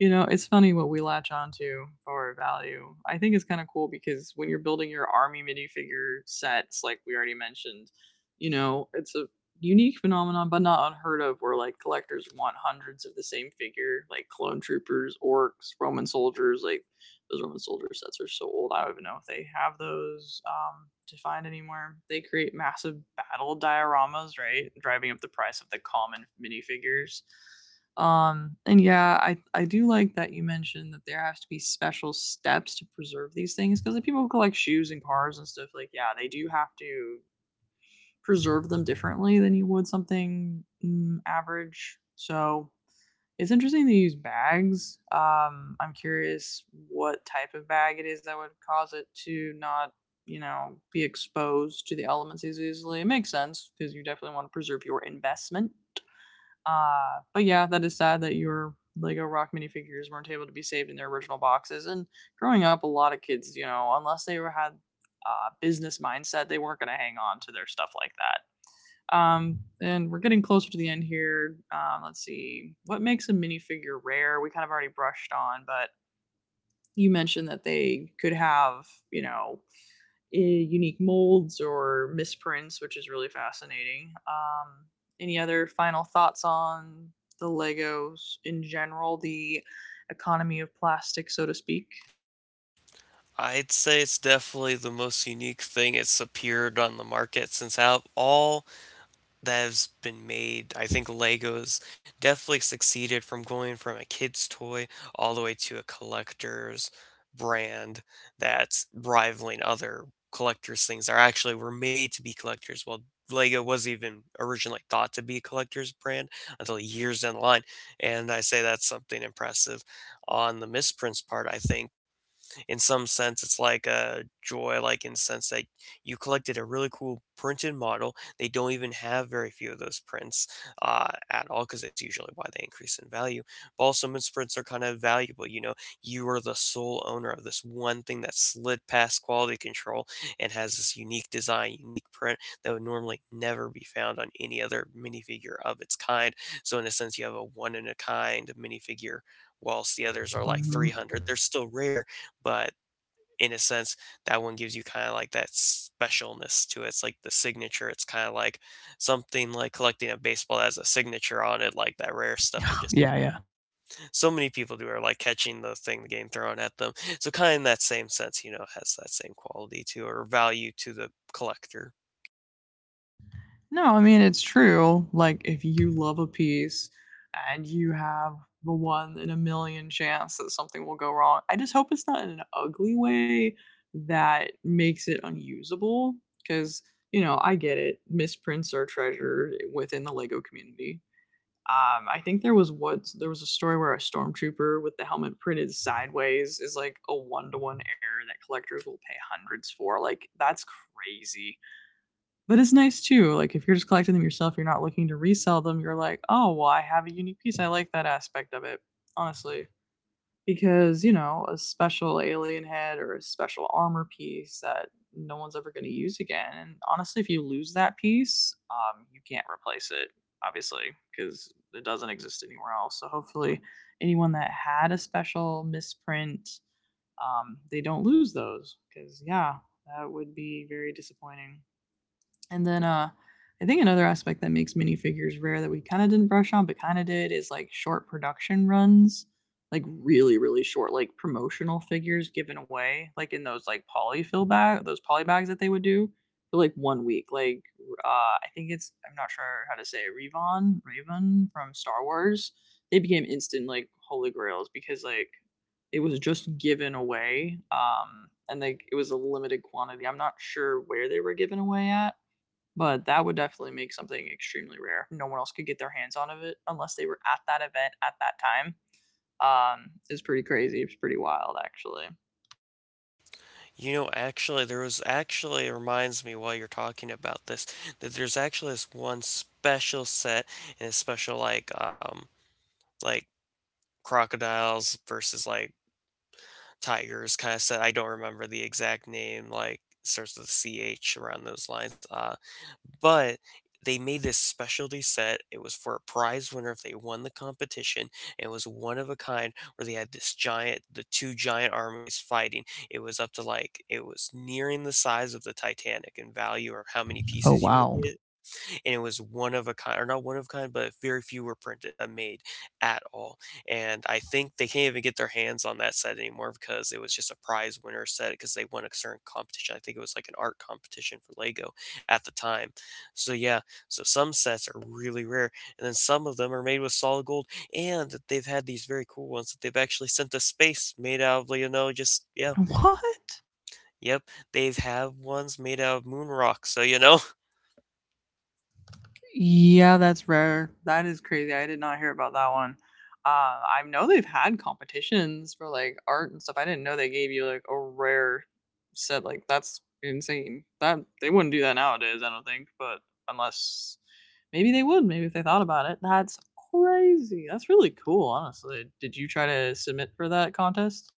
S1: You know, it's funny what we latch onto for value. I think it's kind of cool because when you're building your army minifigure sets, like we already mentioned, you know, it's a unique phenomenon, but not unheard of, where like collectors want hundreds of the same figure, like clone troopers, orcs, Roman soldiers. Like those Roman soldier sets are so old, I don't even know if they have those to find anymore. They create massive battle dioramas, right? Driving up the price of the common minifigures. And yeah, I do like that you mentioned that there has to be special steps to preserve these things because if people collect shoes and cars and stuff, like yeah, they do have to preserve them differently than you would something average. So it's interesting they use bags. I'm curious what type of bag it is that would cause it to not, you know, be exposed to the elements as easily. It makes sense because you definitely want to preserve your investment. But yeah, that is sad that your Lego Rock minifigures weren't able to be saved in their original boxes. And growing up, a lot of kids, you know, unless they were had business mindset, they weren't going to hang on to their stuff like that. And we're getting closer to the end here. Let's see what makes a minifigure rare. We kind of already brushed on, but you mentioned that they could have, you know, unique molds or misprints, which is really fascinating. Any other final thoughts on the Legos in general, the economy of plastic, so to speak?
S2: I'd say it's definitely the most unique thing it's appeared on the market since out all that has been made. I think Legos definitely succeeded from going from a kid's toy all the way to a collector's brand that's rivaling other collectors' things that are actually were made to be collectors. Well, Lego was even originally thought to be a collector's brand until years down the line. And I say that's something impressive. On the misprints part, I think in some sense, it's like a joy, like in the sense that you collected a really cool printed model. They don't even have very few of those prints at all, because that's usually why they increase in value. But also, most prints are kind of valuable. You know, you are the sole owner of this one thing that slid past quality control and has this unique design, unique print that would normally never be found on any other minifigure of its kind. So in a sense, you have a one in a kind minifigure, whilst the others are like 300. They're still rare, but in a sense, that one gives you kinda like that specialness to it. It's like the signature. It's kinda like something like collecting a baseball that has a signature on it, like that rare stuff or just
S1: Yeah, yeah.
S2: so many people do are like catching the thing the game thrown at them. So kinda in that same sense, you know, has that same quality to or value to the collector.
S1: No, I mean, it's true. Like, if you love a piece and you have the one in a million chance that something will go wrong, I just hope it's not in an ugly way that makes it unusable. Because, you know, I get it. Misprints are treasured within the Lego community. I think there was what there was a story where a stormtrooper with the helmet printed sideways is like a one to one error that collectors will pay hundreds for. Like that's crazy, but it's nice too. Like if you're just collecting them yourself, you're not looking to resell them. You're like, oh well, I have a unique piece. I like that aspect of it. Honestly, because you know a special alien head or a special armor piece that no one's ever going to use again. And honestly if you lose that piece, you can't replace it, obviously, because it doesn't exist anywhere else. So hopefully anyone that had a special misprint, they don't lose those because yeah, that would be very disappointing. And then uh I think another aspect that makes minifigures rare that we kind of didn't brush on but kind of did is like short production runs, like really really short like promotional figures given away like in those like polyfill bag those poly bags that they would do for like one week. Like uh I think it's, I'm not sure how to say it, Revon, Raven from Star Wars. They became instant like holy grails because like it was just given away, and like it was a limited quantity. I'm not sure where they were given away at, but that would definitely make something extremely rare. No one else could get their hands on of it unless they were at that event at that time. It's pretty crazy. It's pretty wild, actually.
S2: You know, actually there was actually it reminds me while you're talking about this that there's actually this one special set and a special like crocodiles versus like Tigers kind of said. I don't remember the exact name, like starts with CH around those lines. But they made this specialty set. It was for a prize winner if they won the competition. It was one of a kind where they had this giant, the two giant armies fighting. It was up to like, it was nearing the size of the Titanic in value or how many
S1: Oh
S2: pieces you could
S1: wow.
S2: get, and it was one of a kind, or not one of a kind, but very few were printed made at all. And I think they can't even get their hands on that set anymore because it was just a prize winner set because they won a certain competition. I think it was like an art competition for Lego at the time. So yeah, so some sets are really rare, and then some of them are made with solid gold, and they've had these very cool ones that they've actually sent to space made out of you know just yeah,
S1: What?
S2: yep, they've had ones made out of moon rock, so you know.
S1: Yeah, that's rare. That is crazy. I did not hear about that one. I know they've had competitions for like art and stuff. I didn't know they gave you like a rare set. Like that's insane. That they wouldn't do that nowadays. I don't think. But unless maybe they would. Maybe if they thought about it. That's crazy. That's really cool. Honestly, did you try to submit for that contest?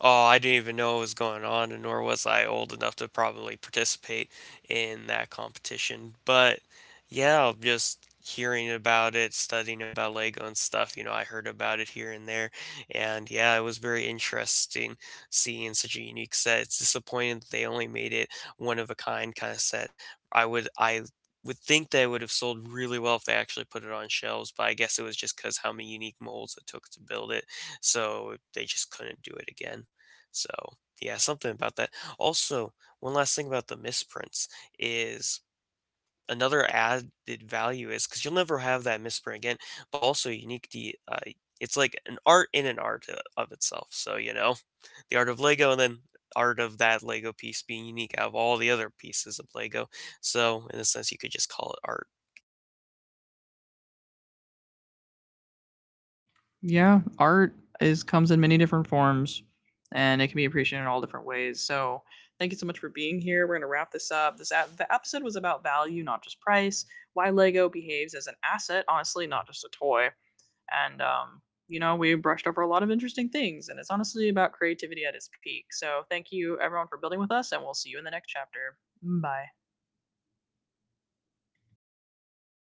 S2: Oh, I didn't even know what was going on, and nor was I old enough to probably participate in that competition. But yeah, just hearing about it, studying about Lego and stuff, you know, I heard about it here and there. And yeah, it was very interesting seeing such a unique set. It's disappointing that they only made it one of a kind kind of set. I would think that it would have sold really well if they actually put it on shelves, but I guess it was just because how many unique molds it took to build it, so they just couldn't do it again. So, yeah, something about that. Also, one last thing about the misprints is another added value is because you'll never have that misprint again, but also unique to, it's like an art in an art of itself. So, you know, the art of Lego and then art of that Lego piece being unique out of all the other pieces of Lego. So, in a sense, you could just call it art.
S1: Yeah, art is comes in many different forms and it can be appreciated in all different ways. So, thank you so much for being here. We're going to wrap this up. This the episode was about value, not just price. Why Lego behaves as an asset, honestly, not just a toy. And you know, we brushed over a lot of interesting things and it's honestly about creativity at its peak. So, thank you everyone for building with us and we'll see you in the next chapter. Bye.